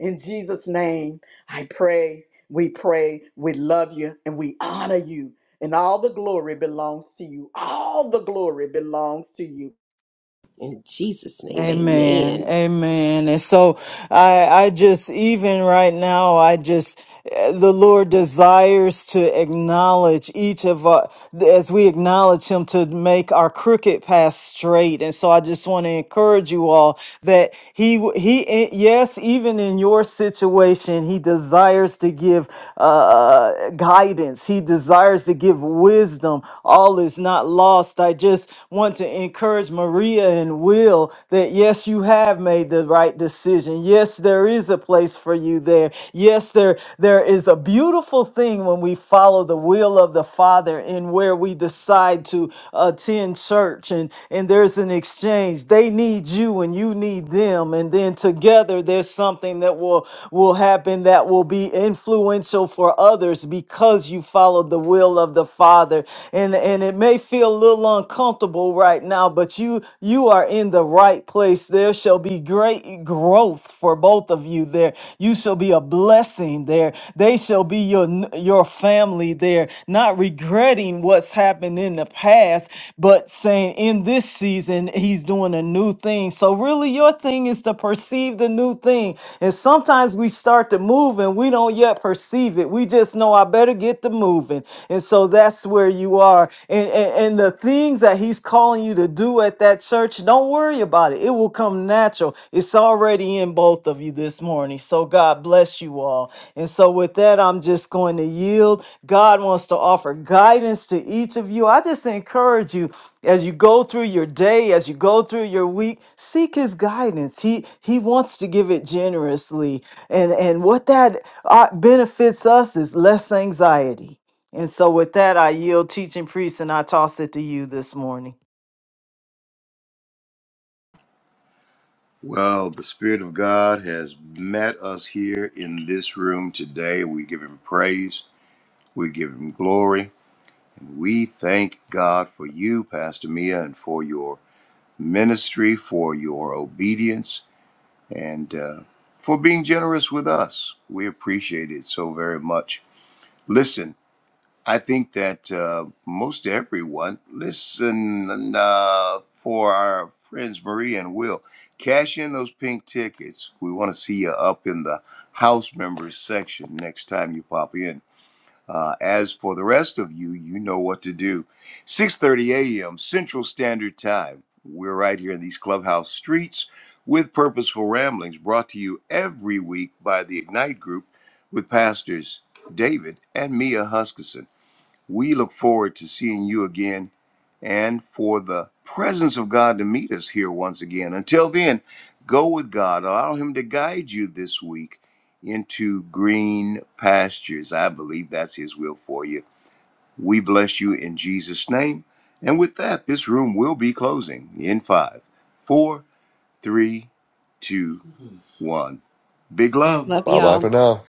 S5: In Jesus' name, I pray, we pray, we love you, and we honor you. And all the glory belongs to you. All the glory belongs to you.
S4: In Jesus name,
S1: Amen.
S4: amen.
S1: Amen. And so I I just even right now I just eh, the Lord desires to acknowledge each of us th- as we acknowledge him to make our crooked path straight and so i just want to encourage you all that he w- he i- yes even in your situation he desires to give uh uh, guidance he desires to give wisdom all is not lost i just want to encourage maria and will that yes you have made the right decision yes Yes, there is a place for you there. Yes, there there is a beautiful thing when we follow the will of the Father and where we decide to attend church and and there's an exchange. They need you and you need them and then together there's something that will will happen that will be influential for others because you followed the will of the Father. And and it may may feel a little uncomfortable right now, but you you are in the right place. There shall be great growth for both of you there. You shall be a blessing there. They shall be your your family there, not regretting what's happened in the past, but saying in this season he's doing a new thing. So really your thing is to perceive the new thing. And sometimes sometimes we start to move and we don't yet perceive it. We just know I better get to moving. And so that's where you are. And, and, and the things that he's calling you to do at that church, don't worry about it. It will come natural. It's already in both of you this morning. So God bless you all. And so with that, I'm just going to yield. God wants to offer guidance to each of you. I just encourage you as you go through your day, as you go through your week, seek his guidance. He he wants to give it generously and and what that uh, benefits us is less anxiety and so with that i yield teaching priest and i toss it to you this morning
S3: Well, the Spirit of God has met us here in this room today. We give Him praise, we give Him glory. We thank God for you, Pastor Mia, and for your ministry, for your obedience, and uh, for being generous with us. We appreciate it so very much. Listen. I think that uh, most everyone listen uh, for our friends Marie and Will. Cash in those pink tickets. We want to see you up in the house members section next time you pop in. Uh, as for the rest of you, you know what to do. 6:30 a.m. Central Standard Time. We're right here in these clubhouse streets with purposeful ramblings, brought to you every week by the Ignite Group with pastors David and Mia Huskisson. We look forward to seeing you again and for the presence of God to meet us here once again. Until then, go with God. Allow Him to guide you this week into green pastures. I believe that's His will for you. We bless you in Jesus' name. And with that, this room will be closing in five, four, three, two, one. Big love.
S4: Love
S2: Bye bye
S4: y'all.
S2: for now.